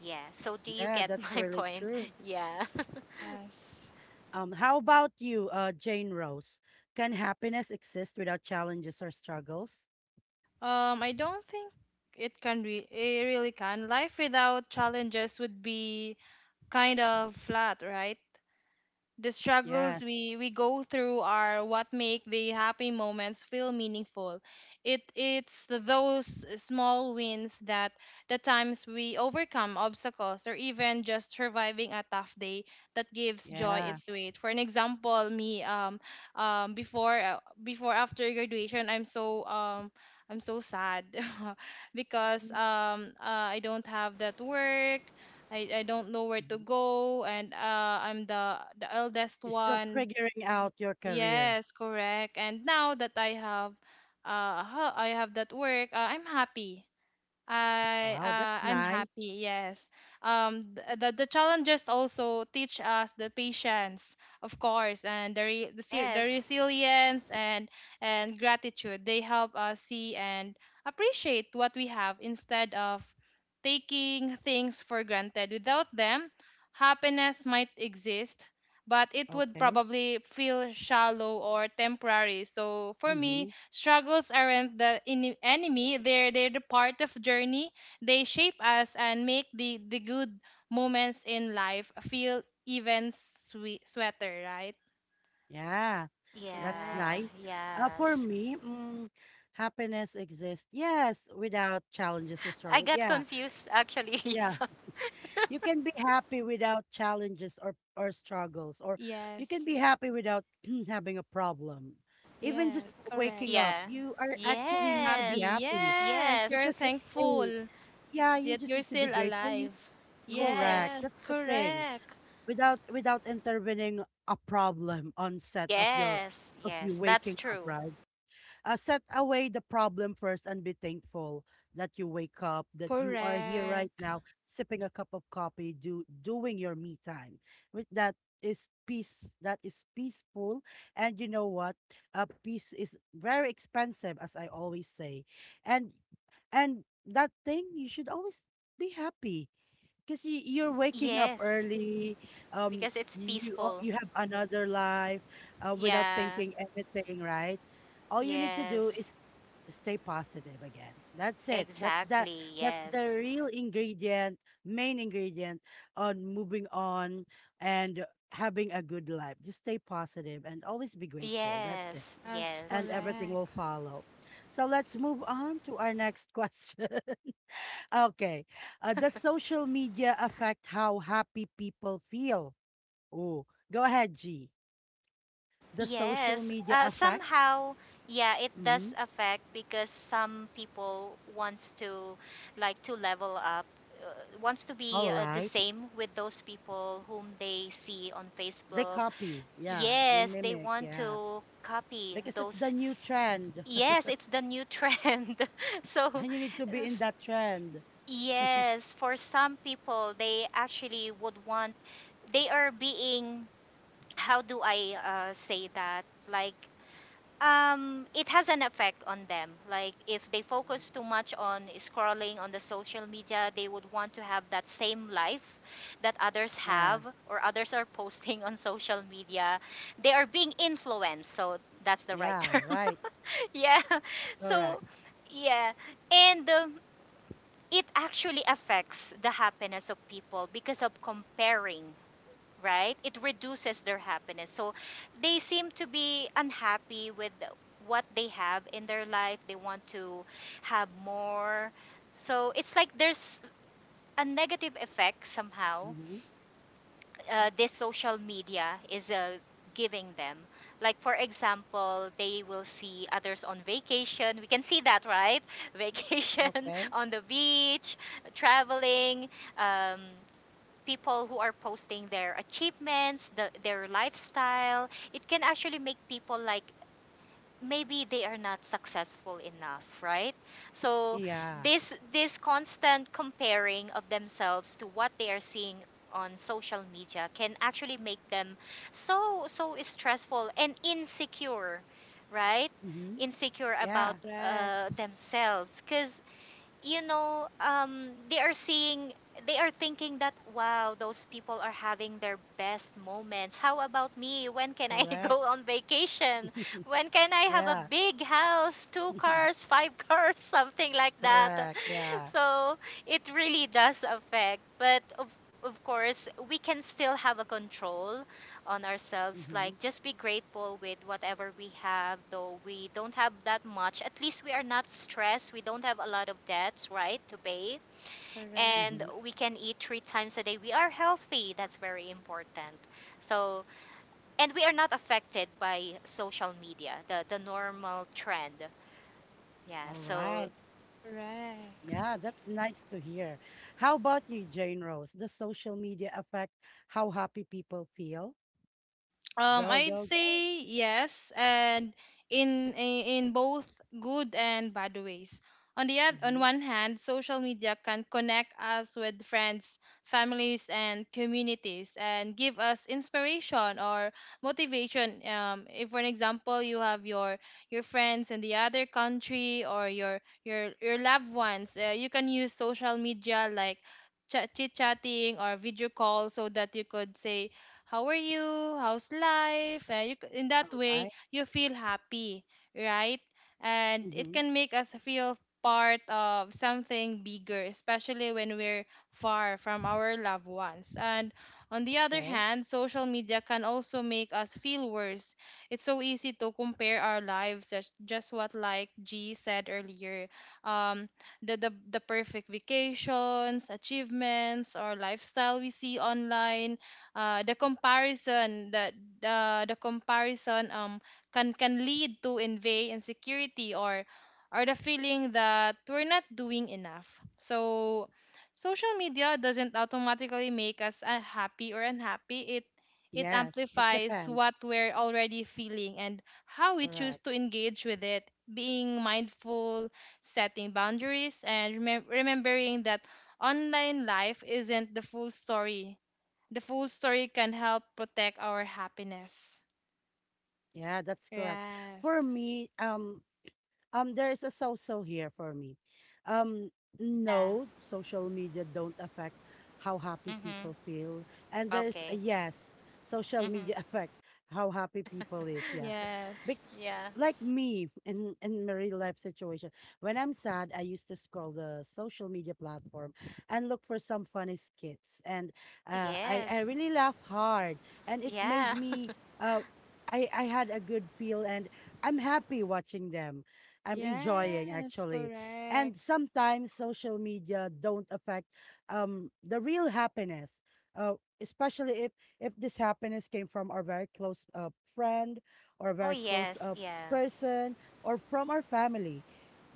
S2: Yeah. So do you
S1: Yeah,
S2: get
S1: that's
S2: my
S1: really
S2: point?
S1: true.
S2: Yeah.
S3: yes.
S1: How about you, Jane Rose? Can happiness exist without challenges or struggles?
S3: I don't think it really can. Life without challenges would be kind of flat, right? The
S1: Yes.
S3: struggles we go through are what make the happy moments feel meaningful. It's those small wins, that the times we overcome obstacles or even just surviving a tough day, that gives joy
S1: Yeah.
S3: its weight. For an example me, before after graduation I'm I'm so sad because
S1: Mm.
S3: I don't have that work. I don't know where to
S1: Mhm.
S3: go, and I'm the eldest
S1: You're still
S3: one.
S1: figuring out your career.
S3: Yes, correct. And now that I have that work,
S1: Wow, that's
S3: I'm
S1: nice.
S3: happy. Yes. The challenges also teach us the patience, of course, and the
S2: yes.
S3: resilience and gratitude. They help us see and appreciate what we have instead of taking things for granted. Without them, happiness might exist, but it would
S1: Okay.
S3: probably feel shallow or temporary. So for me,
S1: Mhm.
S3: struggles aren't the enemy, they're the part of journey. They shape us and make the good moments in life feel even sweeter, right?
S1: Yeah, that's
S2: Yeah.
S3: Correct.
S1: nice. For
S2: Yes.
S1: me, mm, happiness exists, yes, without challenges or
S2: I
S1: struggles.
S2: got
S1: Yeah,
S2: confused actually,
S1: yeah.
S2: Lisa.
S1: You can be happy without challenges or struggles, or you can
S3: Yes.
S1: be happy without having a problem. Even just
S3: Yes, correct.
S1: waking up,
S2: Yeah.
S1: you are actually need to be
S3: Happy.
S2: Yes.
S1: happy
S3: Yes,
S2: Yes.
S3: you're
S1: because it's a
S3: thankful
S1: yeah, you
S3: that
S1: just
S3: you're
S1: need to be
S3: still
S1: grateful. You
S3: alive.
S1: correct.
S2: Yes.
S3: Yes,
S1: That's the thing.
S3: correct.
S1: Without intervening a problem on set of your
S2: Yes.
S1: of you
S2: Yes. That's
S1: waking up,
S2: true.
S1: right? Uh, set away the problem first and be thankful that you wake up, that you are here right
S3: Correct.
S1: now, sipping a cup of coffee, do doing your me time. With that is peace. That is peaceful, and you know what? Peace is very expensive, as I always say, and that thing you should always be happy because you're waking up
S2: Yes.
S1: early,
S2: Because it's peaceful.
S1: you have another life, without
S2: Yeah.
S1: thinking anything, right? All you need to do
S2: Yes.
S1: is stay positive again. That's it. That's
S2: Exactly.
S1: that's the
S2: Yes.
S1: real ingredient, main ingredient on moving on and having a good life. Just stay positive and always be grateful. That's it,
S2: Yes.
S3: Yes,
S1: and
S2: Yes.
S1: everything will
S3: correct.
S1: follow. So let's move on to our next question. Okay. Does social media affect how happy people feel? Oh, go ahead, G. Does social
S2: Yes,
S1: media affect?
S2: somehow, yeah, it
S1: Mm-hmm.
S2: does affect because some people wants to, like, to level up, uh, wants to be
S1: All
S2: the
S1: right.
S2: same with those people whom they see on
S1: They
S2: Facebook.
S1: copy. Yeah. They
S2: Yes, they
S1: mimic.
S2: want
S1: Yeah.
S2: to copy
S1: Because it's the
S2: those.
S1: new trend.
S2: Yes, it's the new trend. So,
S1: And you need to be in
S2: s-
S1: that trend.
S2: yes, for some people, they actually would want. They are being. How do I say that? Like, it has an effect on them. Like if they
S1: Mhm.
S2: focus too much on scrolling on the social media, they would want to have that same life that others
S1: Yeah.
S2: have or others are posting on social media. They are being influenced, so that's the right
S1: Yeah.
S2: term.
S1: Right.
S2: Yeah. So,
S1: Correct.
S2: yeah, and it actually affects the happiness of people because of comparing, right? It reduces their happiness. So they seem to be unhappy with what they have in their life. They want to have more. So it's like there's a negative effect somehow
S1: Mm-hmm.
S2: this
S3: Yes.
S2: social media is giving them. Like, for example, they will see others on vacation. We can see that, right? Vacation
S1: Okay.
S2: on the beach, traveling. Um, people who are posting their achievements, their lifestyle, it can actually make people like maybe they are not successful enough, right? So
S1: Yeah.
S2: this constant comparing of themselves to what they are seeing on social media can actually make them so so stressful and insecure, right?
S1: Mm-hmm.
S2: Insecure about
S1: Yeah.
S3: Correct.
S2: themselves because you know, they are seeing, they are thinking that, wow, those people are having their best moments. How about me? When can I go
S1: Correct.
S2: on vacation? When can I have a
S1: Yeah.
S2: big house, two cars, five cars, something like that?
S1: Correct. Yeah.
S2: So it really does affect, but of course we can still have a control on ourselves,
S1: Mm-hmm.
S2: like just be grateful with whatever we have, though we don't have that much, at least we are not stressed, we don't have a lot of debts, right, to pay, and
S1: Mm-hmm.
S3: Correct.
S2: we can eat three times a day, we are healthy, that's very important. So, and we are not affected by social media, the normal trend. Yeah,
S1: All
S2: so
S1: right.
S3: Correct.
S1: Yeah, that's nice to hear. How about you, Jane Rose? Does social media affect how happy people feel? Go,
S3: I'd
S1: go, go.
S3: say yes, and in both good and bad ways. On
S1: Mm-hmm.
S3: one hand, social media can connect us with friends, families, and communities, and give us inspiration or motivation. If, for an example, you have your friends in the other country or your loved ones, you can use social media like chit chatting or video call so that you could say how are you? How's life? In
S1: All
S3: that way,
S1: right.
S3: you feel happy, right? And it
S1: Mm-hmm.
S3: can make us feel part of something bigger, especially when we're far from our loved ones. And on the other
S1: Okay.
S3: hand, social media can also make us feel worse. It's so easy to compare our lives, just what like G said earlier. Um, the perfect vacations, achievements, or lifestyle we see online, uh, the comparison that the comparison can lead to envy, insecurity, or the feeling that we're not doing enough. So social media doesn't automatically make us happy or unhappy. It
S1: Yes, it
S3: amplifies
S1: depends.
S3: what we're already feeling and how we choose
S1: Correct.
S3: to engage with it. Being mindful, setting boundaries, and remembering that online life isn't the full story, can help protect our happiness.
S1: Yeah, that's correct. For
S3: Yes.
S1: me, there's a so-so here for me. Um,
S2: yeah.
S1: no, social media don't affect how happy
S2: Mhm.
S1: people feel. And there's a
S2: Okay.
S1: yes, social
S2: Mhm.
S1: media affect how happy people is. Yeah. Bec,
S3: Yes.
S2: Yeah.
S1: like me in my real life situation, when I'm sad, I used to scroll the social media platform and look for some funny skits. And
S2: Oh
S1: I
S2: yes.
S1: really laugh hard, and it made
S2: Yeah.
S1: me uh. I had a good feel and I'm happy watching them. I'm enjoying
S3: Yes.
S1: actually.
S3: Correct.
S1: And sometimes social media don't affect the real happiness. Uh, especially if this happiness came from our very close friend or a
S2: oh
S1: very close
S2: yes. Yeah.
S1: person or from our family.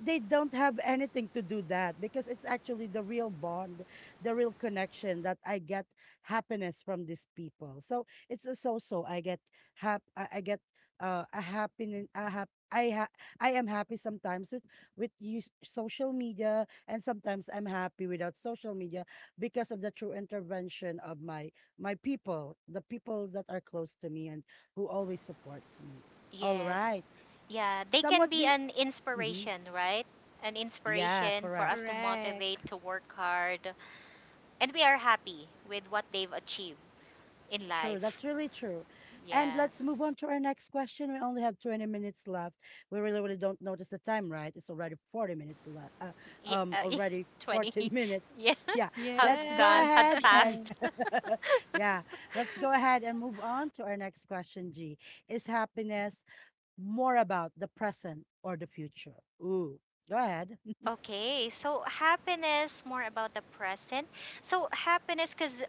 S1: They don't have anything to do that because it's actually the real bond, the real connection that I get happiness from these people. So it's a so-so. I get hap I get a happiness. A hap- I ha- I am happy sometimes with use social media, and sometimes I'm happy without social media because of the true intervention of my people, the people that are close to me and who always supports me. All
S2: Yes.
S1: right,
S2: Yeah. They can
S1: somewhat
S2: be
S1: the.
S2: an
S1: Mhm.
S2: inspiration, right? An
S1: Yeah,
S2: inspiration for
S1: correct.
S2: us to
S3: Correct.
S2: motivate to work hard, and we are happy with what they've achieved in
S1: True.
S2: life.
S1: That's really true. And
S2: Yeah.
S1: let's move on to our next question. We only have 20 minutes left. We really, really don't notice the time, right? It's already 40 minutes left.
S2: Yeah. Yeah.
S1: Already
S2: 20.
S1: 40 minutes.
S2: Yeah.
S1: Yeah.
S2: Have
S1: Let's go
S3: Yes.
S2: gone. Had
S1: ahead and
S2: passed.
S1: yeah, let's go ahead and move on to our next question, G. Is happiness more about the present or the future? Ooh. Go ahead.
S2: Okay, so happiness more about the present. So happiness, because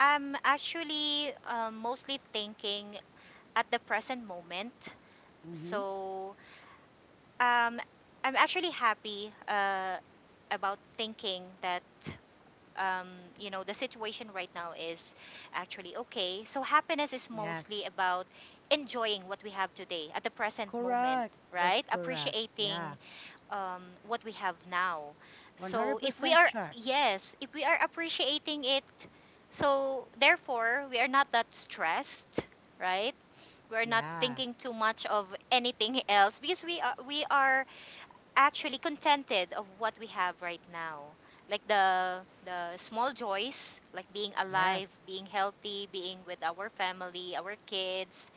S2: I'm actually mostly thinking at the present moment.
S1: Mm-hmm.
S2: So um, I'm actually happy about thinking that um, the situation right now is actually okay. So happiness is
S1: Yes.
S2: mostly about enjoying what we have today at the present moment,
S1: Correct.
S2: right?
S1: That's correct.
S2: Appreciating
S1: Yeah.
S2: what we have now. So if we
S1: 100%
S2: are,
S1: check.
S2: yes, if we are appreciating it, so therefore we are not that stressed, right? We are not
S1: Yeah.
S2: thinking too much of anything else because we are actually contented of what we have right now. Like the small joys, like being alive,
S1: Yes.
S2: being healthy, being with our family, our kids,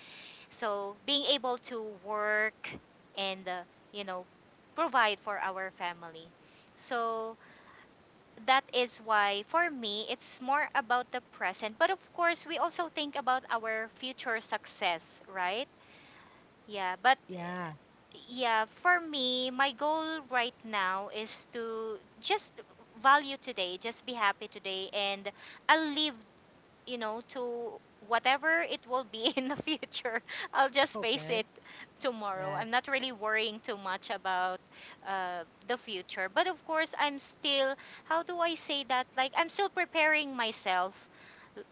S2: so being able to work and you know provide for our family. So that is why for me it's more about the present. But of course we also think about our future success, right? Yeah, but
S1: Yeah.
S2: yeah, for me my goal right now is to just value today, just be happy today, and I'll live, you know, to whatever it will be in the future. I'll just face it
S1: Okay.
S2: tomorrow. I'm
S1: Yes.
S2: not really worrying too much about the future. But of course, I'm still, how do I say that? Like, I'm still preparing myself,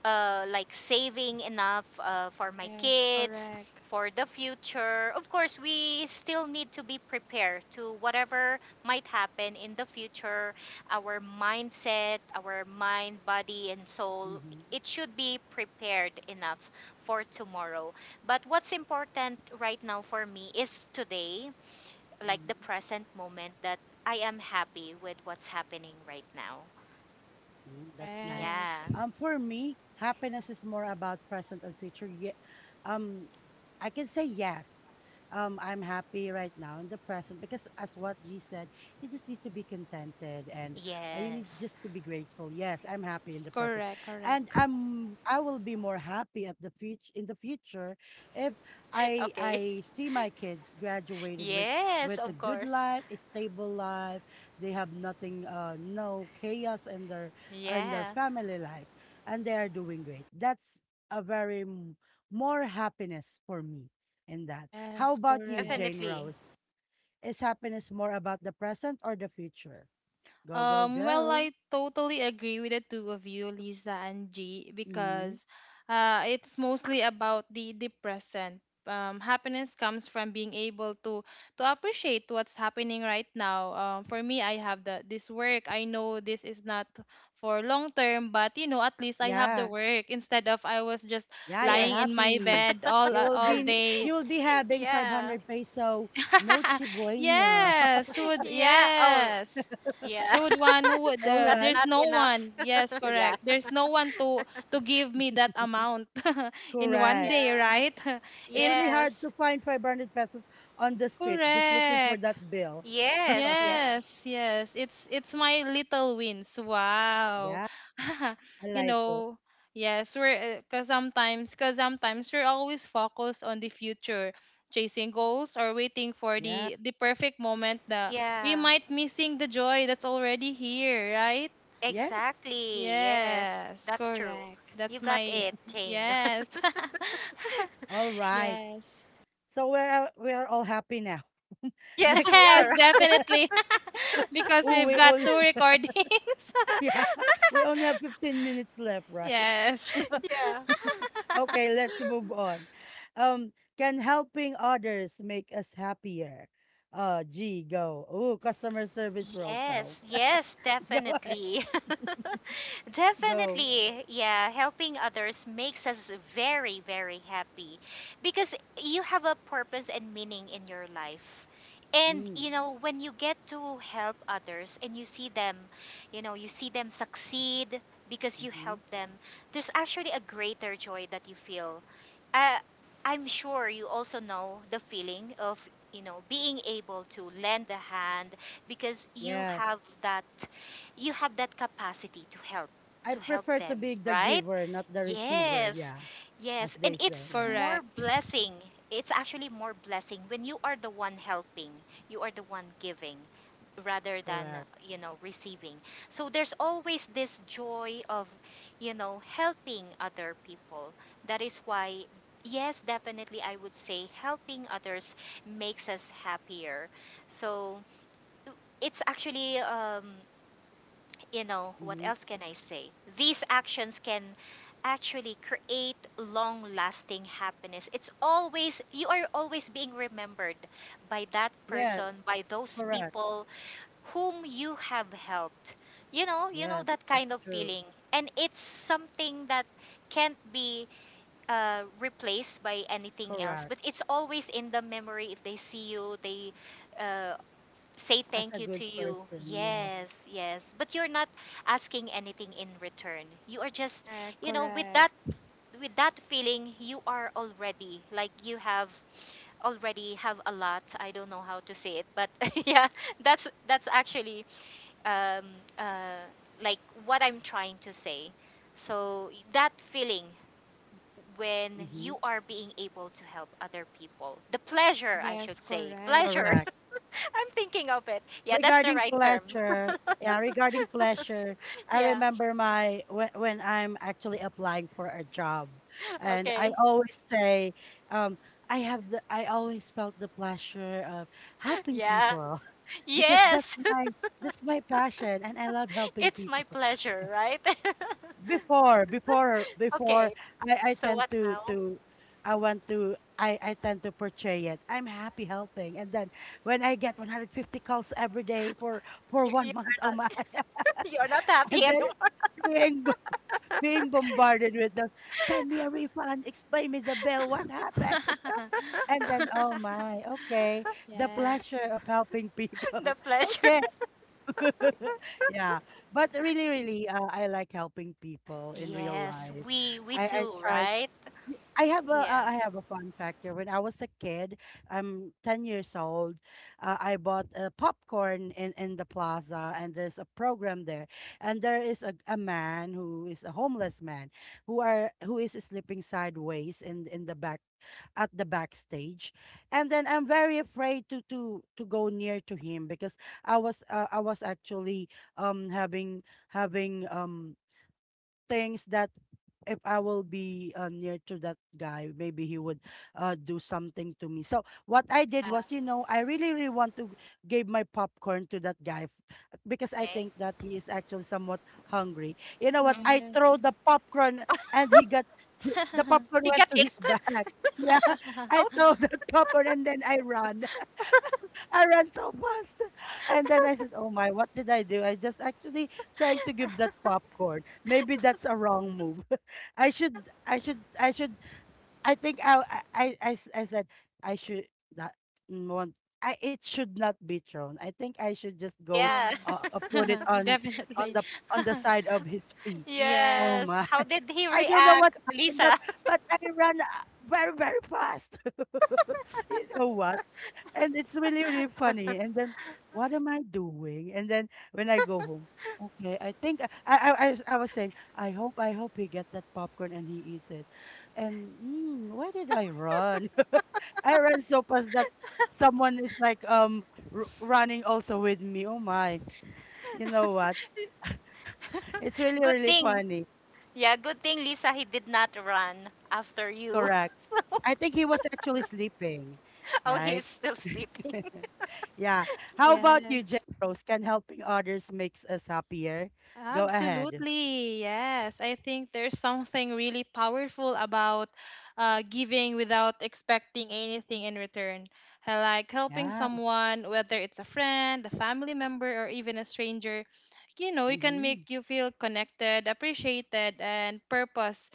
S2: like saving enough for my
S3: Yes.
S2: kids,
S3: Correct.
S2: for the future. Of course, we still need to be prepared to whatever might happen in the future. Our mindset, our mind, body, and soul,
S1: Mm-hmm.
S2: it should be prepared enough for tomorrow. But what's important right now for me is today, like the
S1: Mm-hmm.
S2: present moment, that I am happy with what's happening right now.
S1: Mm, that's nice.
S2: Yeah.
S3: Correct.
S1: For me, happiness is more about present and future. Yeah, um, I can say yes. I'm happy right now in the present because, as what G said, you just need to be contented and you need
S2: Yes.
S1: just to be grateful. Yes, I'm happy in
S3: Yes.
S1: the present,
S3: Correct.
S1: and
S3: Correct.
S1: I will be more happy at the future in the future if
S2: Okay.
S1: I see my kids graduated
S2: Yes,
S1: with a
S2: of
S1: good
S2: course.
S1: life, a stable life. They have nothing, no chaos in their and their
S2: Yeah,
S1: family life, and they are doing great. That's a very more happiness for me in that. How
S3: Yes.
S1: about you,
S3: Correct.
S1: Jane
S2: definitely.
S1: Rose? Is happiness more about the present or the future? Go, go, go.
S3: I totally agree with the two of you, Lisa and G,
S1: Hmm.
S3: because it's mostly about the present. Happiness comes from being able to appreciate what's happening right now. For me, I have the this work. I know this is not for long term, but at least I have the
S1: Yeah.
S3: work instead of I was just
S1: Yeah, you're
S3: lying in
S2: Yes.
S3: my
S1: happy.
S3: bed all
S1: You
S3: uh,
S1: will
S3: all
S1: be you
S3: day.
S1: will be having
S2: Yeah.
S1: 500 peso, no buena.
S3: Yes, would
S2: Yeah. Oh,
S3: yes.
S2: yeah.
S3: Who would?
S1: All
S3: Uh,
S2: That's
S1: right.
S3: there's
S2: not
S3: no
S2: enough.
S3: one. Yes,
S2: Yeah.
S3: correct. There's no one to give me that amount in one
S1: Correct.
S3: day,
S2: Yeah.
S3: right?
S1: It's
S3: It's
S1: really hard
S2: Yes.
S1: to find 500 pesos on the street just looking for
S3: correct.
S1: that bill.
S2: Yes.
S1: Right?
S2: Yeah.
S3: Yes. It's my little wins. Wow.
S1: Yeah. I
S3: You
S1: like it.
S3: know, yes, we're because sometimes we're always focused on the future, chasing goals or waiting for
S1: Yeah.
S3: the perfect moment that we
S2: Yeah.
S3: might missing the joy that's already here, right?
S1: Yes.
S2: Exactly. Yes.
S3: Yes,
S2: That's true.
S3: correct.
S2: You
S3: That's
S2: got
S3: my
S2: it, Jane.
S3: yes.
S1: All right.
S3: Yes.
S1: So we're all happy now.
S2: Yes,
S1: Next
S2: we
S3: Yes,
S2: are.
S1: question.
S3: definitely. Because
S1: Oh,
S3: we've
S1: we
S3: got
S1: only
S3: two recordings.
S1: yeah, we only have 15 minutes left, right?
S3: Yes.
S2: Yeah.
S1: Okay, let's move on. Um, can helping others make us happier? G, go. Oh, customer service role, Charles.
S2: Yes, yes,
S1: go ahead.
S2: definitely.
S1: Go.
S2: Definitely. Yeah, helping others makes us very, very happy because you have a purpose and meaning in your life. And
S1: Mm,
S2: when you get to help others and you see them, you see them succeed because you
S1: hmm.
S2: help them, there's actually a greater joy that you feel. Uh, I'm sure you also know the feeling of, being able to lend a hand because you have
S1: Yes.
S2: that capacity
S1: I
S2: to help
S1: prefer to
S2: them,
S1: be the
S2: right?
S1: giver, not the receiver.
S2: Yes,
S1: Yeah, as
S2: yes,
S1: they
S2: and
S3: Yes,
S1: say.
S2: it's
S1: Yeah,
S2: more
S3: correct.
S2: blessing. It's actually more blessing when you are the one helping, you are the one giving, rather than,
S1: correct.
S2: you know, receiving. So there's always this joy of, you know, helping other people. That is why, yes, definitely I would say helping others makes us happier. So it's actually you know what
S1: Mm-hmm.
S2: else can I say, these actions can actually create long lasting happiness. It's always you are always being remembered by that
S1: Yes.
S2: person, by those
S1: Correct.
S2: people whom you have helped, you know. You know
S1: Yes,
S2: that
S1: that's
S2: kind of
S1: true.
S2: feeling, and it's something that can't be replaced by anything else,
S1: Correct.
S2: but it's always in the memory. If they see you, they uh, say
S1: As
S2: thank
S1: a
S2: you
S1: good
S2: to you.
S1: person, yes.
S2: Yes, yes. But you're not asking anything in return. You are just,
S3: Correct,
S2: you know,
S3: correct.
S2: with that feeling, you are already like you have a lot. I don't know how to say it, but yeah, that's actually um uh like what I'm trying to say. So that feeling when
S1: Mm-hmm.
S2: you are being able to help other people, the pleasure, I
S3: Yes,
S2: should say,
S3: correct.
S2: pleasure,
S1: Correct.
S2: I'm thinking of it. Yeah, that's the
S1: Regarding
S2: right term.
S1: pleasure, yeah, regarding pleasure, I
S2: Yeah.
S1: remember my when I'm actually applying for a job, and I
S2: Okay.
S1: always say, um, I have the I always felt the pleasure of helping
S2: Yeah.
S1: people because
S2: Yes.
S1: that's my passion, and I love helping
S2: It's
S1: people.
S2: my pleasure, right?
S1: Before,
S2: Okay.
S1: I
S2: So
S1: tend
S2: what now?
S1: I tend to portray it. I'm happy helping. And then when I get 150 calls every day for
S2: You
S1: one month,
S2: are
S1: oh
S2: not
S1: my,
S2: you are not happy
S1: and then
S2: anymore.
S1: being, bo- being bombarded with those, send me a refund, explain me the bill, what happened? And then, oh my, okay, the
S3: Yes.
S1: pleasure of helping people.
S2: The pleasure.
S1: Okay. yeah, but really, really, I like helping people in real
S2: Yes,
S1: life.
S2: we
S1: I
S2: do,
S1: try
S2: right?
S1: Y-
S2: Yeah.
S1: I have a fun factor. When I was a kid, I'm 10 years old. I bought a popcorn in the plaza, and there's a program there, and there is a man who is a homeless man who is sleeping sideways in the back at the backstage, and then I'm very afraid to go near to him because I was actually having having um things that if I will be near to that guy, maybe he would do something to me. So what I did
S2: Yeah,
S1: was, you know, I really, really want to give my popcorn to that guy because I
S2: okay.
S1: think that he is actually somewhat hungry. You know what?
S2: Mhm.
S1: I throw
S3: Yes.
S1: the popcorn and he, the popcorn
S2: He
S1: went
S2: got
S1: to
S2: hit?
S1: his back. Yeah, I
S2: Okay.
S1: throw the popcorn and then I run. I ran so fast. And then I said, oh my, what did I do? I just actually trying to give that popcorn. Maybe that's a wrong move. I should, I think I s- I said, I should not mm, want, it should not be thrown. I think I should just go,
S2: Yeah.
S1: uh, uh,
S3: Yes.
S1: put it on, on
S3: Definitely.
S1: the, on the side of his feet. Oh
S2: Yes.
S1: my.
S2: How
S3: Yes.
S2: did he
S1: I don't know what
S2: react,
S1: happened, but
S2: Lisa?
S1: I ran very very fast. you know what? And it's really, really funny. And then, what am I doing? And then when I go home, okay, I think I was saying, I hope he get that popcorn and he eats it. And why did I run? I ran so fast that someone is like r running also with me. Oh my. You know what? It's really,
S2: Good
S1: really
S2: thing.
S1: funny.
S2: Yeah, good thing, Lisa, he did not run after you.
S1: Correct. I think he was actually sleeping,
S2: Oh,
S1: right?
S2: he's still sleeping.
S1: Yeah. How about you, Jen
S3: Yes.
S1: Rose? Can helping others makes us happier? Go ahead.
S3: Absolutely, yes. I think there's something really powerful about giving without expecting anything in return. I like helping
S1: Yeah.
S3: someone, whether it's a friend, a family member, or even a stranger, it can
S1: Mm-hmm.
S3: make you feel connected, appreciated, and purpose.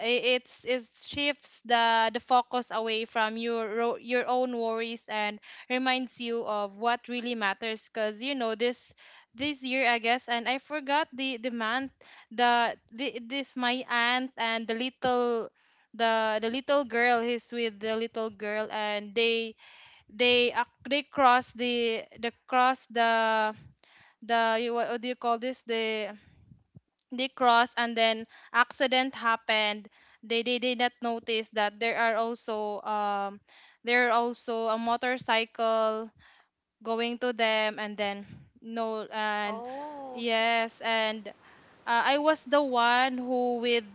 S3: It shifts the focus away from your own worries and reminds you of what really matters. Cause you know, this this year I guess and I forgot the man the this my aunt and the little the little girl he's with the little girl and they cross the you- what do you call this the they cross and then accident happened they did not notice that there are also a motorcycle going to them and then no and
S2: Oh,
S3: yes and I was the one who with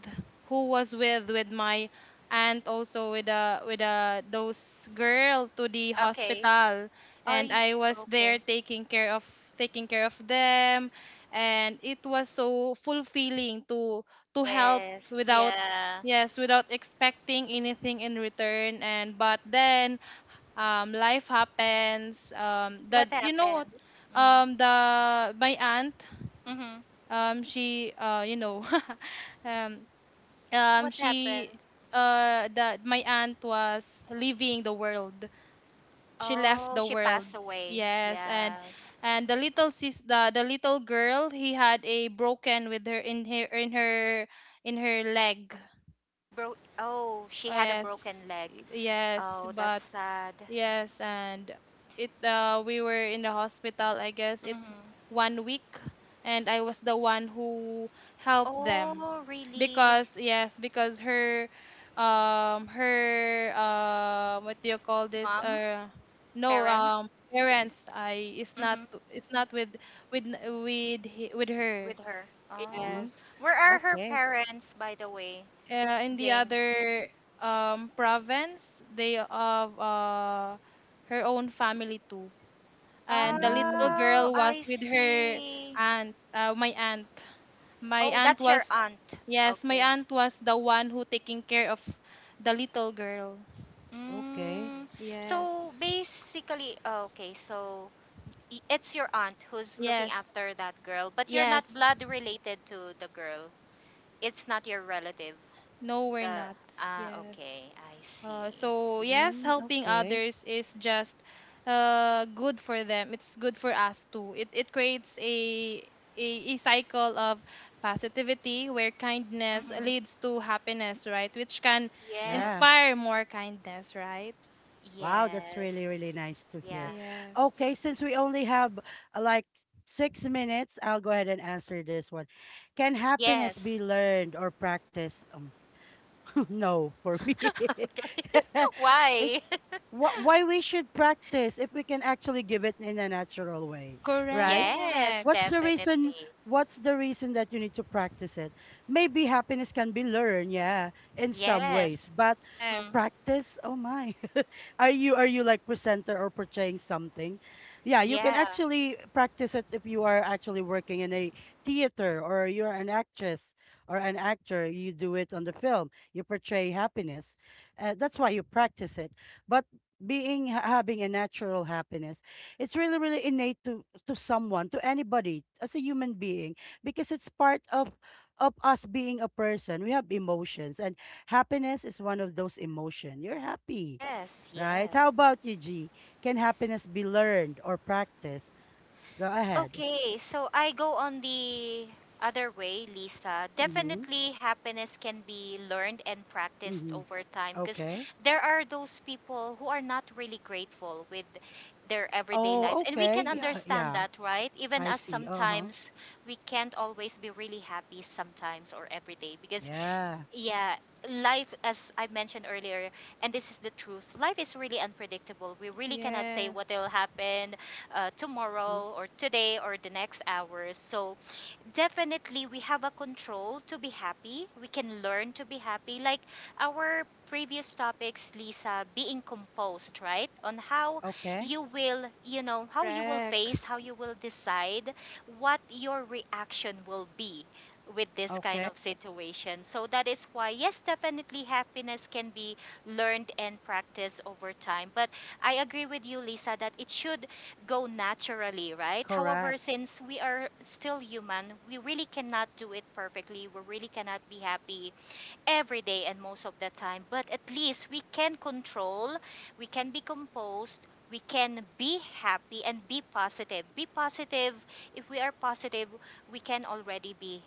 S3: who was with my aunt also with a those girl to the
S2: okay.
S3: hospital
S2: Oh,
S3: and
S2: y-
S3: I was there
S2: okay.
S3: taking care of them and it was so fulfilling to help
S2: Yes,
S3: without
S2: yeah.
S3: yes without expecting anything in return and but then life happens
S2: What
S3: that you know what
S2: happened? Mm.
S3: the my aunt
S2: Mhm.
S3: she you know um
S2: What
S3: she
S2: happened?
S3: that my aunt was leaving the world she left
S2: Oh,
S3: the
S2: she
S3: world
S2: passed away.
S3: yes
S2: Yes.
S3: and the little sis the little girl he had a broken with her in her leg
S2: Bro oh, she had a
S3: yes
S2: broken leg.
S3: yes
S2: Oh, that's
S3: but
S2: sad.
S3: yes, and it we were in the hospital. I guess it's
S2: Mhm.
S3: one week, and I was the one who helped them
S2: Oh, really?
S3: because yes, because her her what do you call this
S2: Mom,
S3: no
S2: parents?
S3: parents I
S2: Mhm.
S3: is not with with with her.
S2: With her. Oh.
S1: Mm-hmm.
S3: Yes.
S2: Where are her
S1: Okay.
S2: parents, by the way,
S3: In the
S2: Jane?
S3: other province, they have her own family too. And the little
S1: Mm,
S2: Oh,
S3: girl was
S2: I
S3: with her
S2: see.
S3: aunt, my aunt. My
S2: Oh,
S3: aunt
S2: that's your
S3: was,
S2: aunt.
S3: yes, my
S2: Okay.
S3: aunt was the one who taking care of the little girl.
S1: okay.
S2: Mm,
S3: Yes,
S2: so basically, oh, okay, so y- it's your aunt who's looking
S3: yes,
S2: after that girl, but you're not
S3: yes.
S2: blood related to the girl. It's not your relative.
S3: No, we're
S2: The
S3: not.
S2: ah,
S3: Yes.
S2: okay, I see.
S3: So yes,
S1: Mm,
S3: helping
S1: okay.
S3: others is just good for them. It's good for us too. It creates a a cycle of positivity where kindness
S2: Mm-hmm.
S3: leads to happiness, right? Which can
S1: Yeah.
S2: Yes,
S3: inspire more kindness, right?
S1: Wow, that's really,
S2: yes,
S1: really nice to hear.
S2: yeah,
S3: Yes.
S1: Okay, since we only have like 6 minutes, I'll go ahead and answer this one. Can happiness
S2: yes.
S1: be learned or practiced? No, for me.
S2: Okay,
S1: it,
S2: why?
S1: why we should practice if we can actually give it in a natural way, right?
S2: Yes,
S1: what's
S3: Correct.
S1: the reason
S2: definitely.
S1: what's the reason that you need to practice it, maybe happiness can be learned, yeah, in some ways,
S2: Yes.
S1: but
S3: Yes.
S2: Hmm.
S1: practice, oh my. Are you are you like presenter or portraying something? Yeah, you can
S2: Yeah.
S1: actually practice it if you are actually working in a theater, or you're an actress or an actor. You do it on the film, you portray happiness. That's why you practice it. But having a natural happiness, it's really, really innate to someone, to anybody, as a human being, because it's part of us being a person. We have emotions, and happiness is one of those emotions. You're happy,
S2: Yes,
S1: right?
S2: yes.
S1: How about you, G? Can happiness be learned or practiced? Go ahead.
S2: Okay, so I go on the other way, Lisa.
S1: Mm-hmm.
S2: Definitely, happiness can be learned and practiced
S1: Mm-hmm.
S2: over time because
S1: Okay.
S2: there are those people who are not really grateful with their everyday
S1: Oh,
S2: lives. And we
S1: okay.
S2: can
S1: Yeah,
S2: understand
S1: yeah.
S2: that, right? Even
S1: I
S2: us
S1: see. Uh-huh.
S2: sometimes, we can't always be really happy sometimes or every day because
S1: Yeah.
S2: yeah, life as I mentioned earlier, and this is the truth, life is really unpredictable. We really cannot say what
S3: Yes.
S2: will happen
S1: Mm-hmm.
S2: tomorrow or today or the next hours. So definitely we have a control to be happy. We can learn to be happy. Like our previous topics, Lisa, being composed, right? On how
S1: Okay.
S2: you will, you know, how you will
S3: Correct.
S2: face, how you will decide what your reaction will be with this kind
S1: Okay.
S2: of situation. So that is why, yes, definitely happiness can be learned and practiced over time. But I agree with you, Lisa, that it should go naturally, right? However,
S1: Correct.
S2: since we are still human, we really cannot do it perfectly. We really cannot be happy every day and most of the time, but at least we can control, we can be composed, we can be happy and be positive. Be positive. If we are positive, we can already be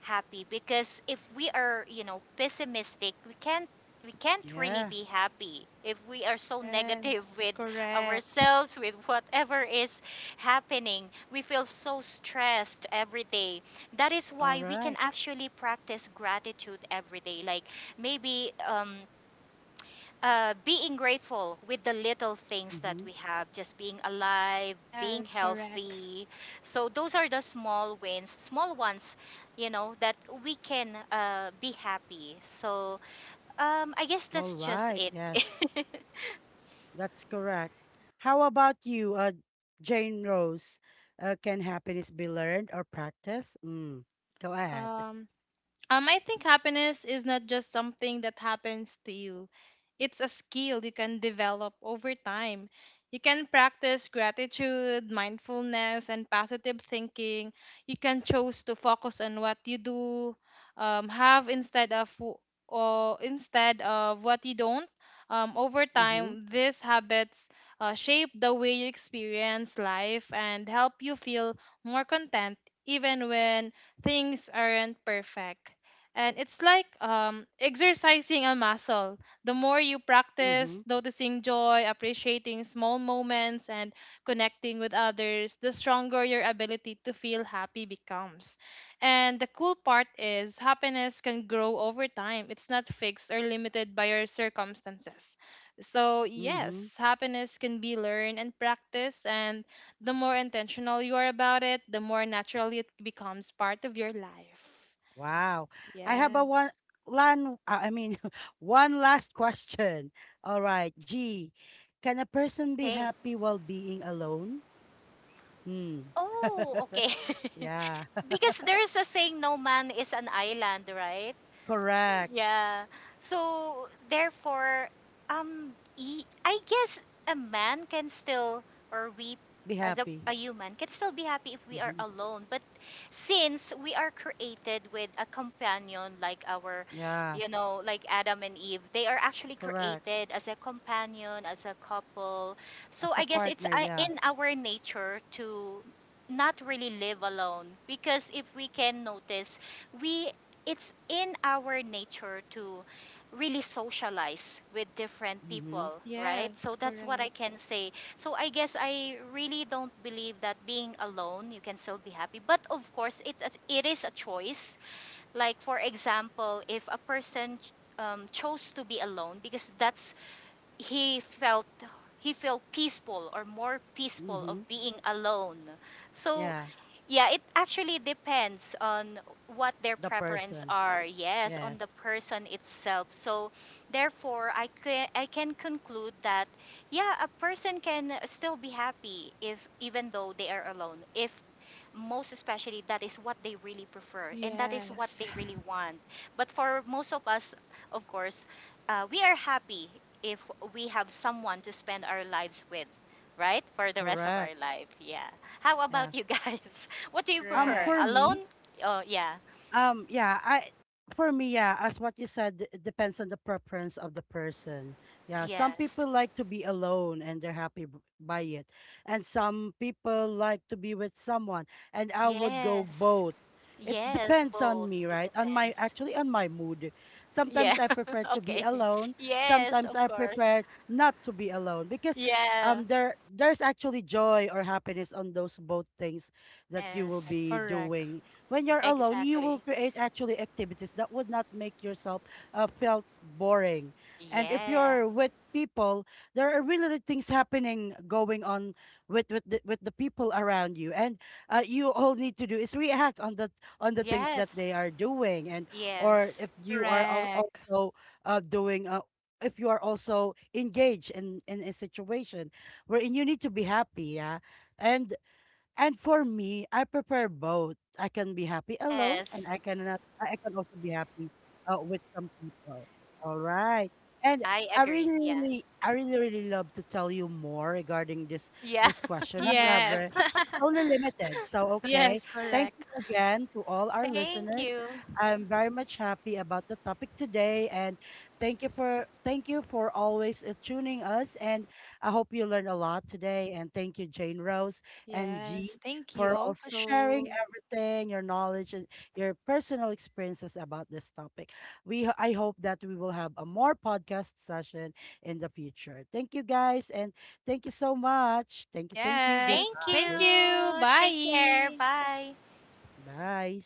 S2: happy because if we are, you know, pessimistic, we can't really
S1: Yeah.
S2: be happy if we are so negative
S3: Yes.
S2: with
S3: Correct.
S2: ourselves, with whatever is happening. We feel so stressed every day. That is
S1: All
S2: why we can
S1: right.
S2: actually practice gratitude every day, like maybe being grateful with the little things that
S1: Mm-hmm.
S2: we have, just being alive, being
S3: Yes. Correct.
S2: healthy. So those are the small wins, small ones, you know, that we can be happy. So I guess
S1: All
S2: that's just
S1: right.
S2: it.
S1: Yes. That's correct. How about you, Jane Rose? Can happiness be learned or practiced? Go ahead.
S3: Um. I think happiness is not just something that happens to you. It's a skill you can develop over time. You can practice gratitude, mindfulness, and positive thinking. You can choose to focus on what you do have instead of w- or instead of what you don't. Over
S1: Mm-hmm.
S3: time, these habits shape the way you experience life and help you feel more content even when things aren't perfect. And it's like exercising a muscle. The more you
S1: Mm-hmm.
S3: practice noticing joy, appreciating small moments, and connecting with others, the stronger your ability to feel happy becomes. And the cool part is, happiness can grow over time, it's not fixed or limited by your circumstances. So,
S1: Mm-hmm.
S3: yes, happiness can be learned and practiced, and the more intentional you are about it, the more naturally it becomes part of your life.
S1: Wow. I have a
S3: Yes.
S1: one, lan, I mean, one last question. All right. G, can a person be
S2: Okay.
S1: happy while being alone? Hmm.
S2: Oh, okay.
S1: Yeah.
S2: Because there's a saying, no man is an island, right?
S1: Correct.
S2: Yeah. So therefore, I guess a man can still, or we,
S1: Be
S2: as a,
S1: happy.
S2: a human, can still be happy if we
S1: Mm-hmm.
S2: are alone. But since we are created with a companion, like our,
S1: Yeah.
S2: you know, like Adam and Eve, they are actually
S1: Correct.
S2: created as a companion, as a couple.
S1: As
S2: So
S1: a
S2: I guess
S1: partner,
S2: it's
S1: yeah.
S2: in our nature to not really live alone because if we can notice we it's in our nature to really socialize with different
S1: Mm-hmm.
S2: people, right?
S3: Yes,
S2: So that's what I
S3: correct.
S2: can say. So I guess I really don't believe that being alone you can still be happy. But of course, it is a choice. Like for example, if a person chose to be alone because that's he felt he felt peaceful or more peaceful
S1: Mm-hmm.
S2: of being alone. So
S1: Yeah.
S2: yeah, it actually depends on what their
S1: The
S2: preference
S1: person.
S2: are. Yes, on the
S1: Yes,
S2: person itself. So, therefore, I can conclude that yeah, a person can still be happy if even though they are alone. If most especially that is what they really prefer and that is what
S3: Yes,
S2: they really want. But for most of us, of course, we are happy if we have someone to spend our lives with, right? For the rest of
S1: correct.
S2: our life. Yeah. How
S1: Yeah.
S2: about you guys? What do you prefer?
S1: For
S3: correct.
S2: Alone?
S1: me,
S2: Oh, yeah.
S1: Yeah, I for me, yeah, as what you said, it depends on the preference of the person. Yeah, some
S2: Yes.
S1: people like to be alone and they're happy by it, and some people like to be with someone, and I would go
S2: Yes.
S1: both. It
S2: Yes,
S1: depends on
S2: both.
S1: me,
S2: It
S1: right? On my
S2: depends.
S1: actually on my mood.
S2: Yeah.
S1: Sometimes I prefer to be
S2: Okay.
S1: alone.
S2: Yes,
S1: Sometimes
S2: of
S1: I
S2: course.
S1: prefer not to be alone because
S2: Yeah.
S1: there's actually joy or happiness on those both things that you will
S3: Correct.
S2: Yes.
S1: be
S3: Correct.
S1: doing. When you're alone, you
S2: Exactly.
S1: will create actually activities that would not make yourself felt boring. And if
S2: Yeah.
S1: you're with people, there are really really things happening going on with with the people around you, and you all need to do is react on the things that
S2: Yes.
S1: they are doing, and or
S2: Yes.
S1: if you are
S3: Correct.
S1: also doing. If you are also engaged in a situation wherein you need to be happy, yeah, and and for me, I prefer both. I can be happy alone, and
S2: Yes.
S1: I cannot. I can also be happy with some people. All right. And
S2: I agree. Yeah.
S1: I really, really love to tell you more regarding this
S2: Yeah.
S1: this question.
S3: Yes.
S1: However, it's only limited. So okay.
S3: Yes,
S1: Thank you
S3: correct.
S1: again to all our
S2: Thank
S1: listeners.
S2: you.
S1: I'm very much happy about the topic today, and thank you for always tuning us. And I hope you learned a lot today. And thank you, Jane Rose and
S3: Yes.
S1: G
S3: Thank you
S1: for also sharing
S3: also.
S1: everything, your knowledge and your personal experiences about this topic. We I hope that we will have a more podcast session in the future. Thank you guys and thank you so much. Thank you, thank you.
S3: Yes.
S2: Thank
S3: Thank
S1: Goodbye.
S3: you.
S2: you. Take care.
S3: Bye.
S2: Bye.
S1: Bye.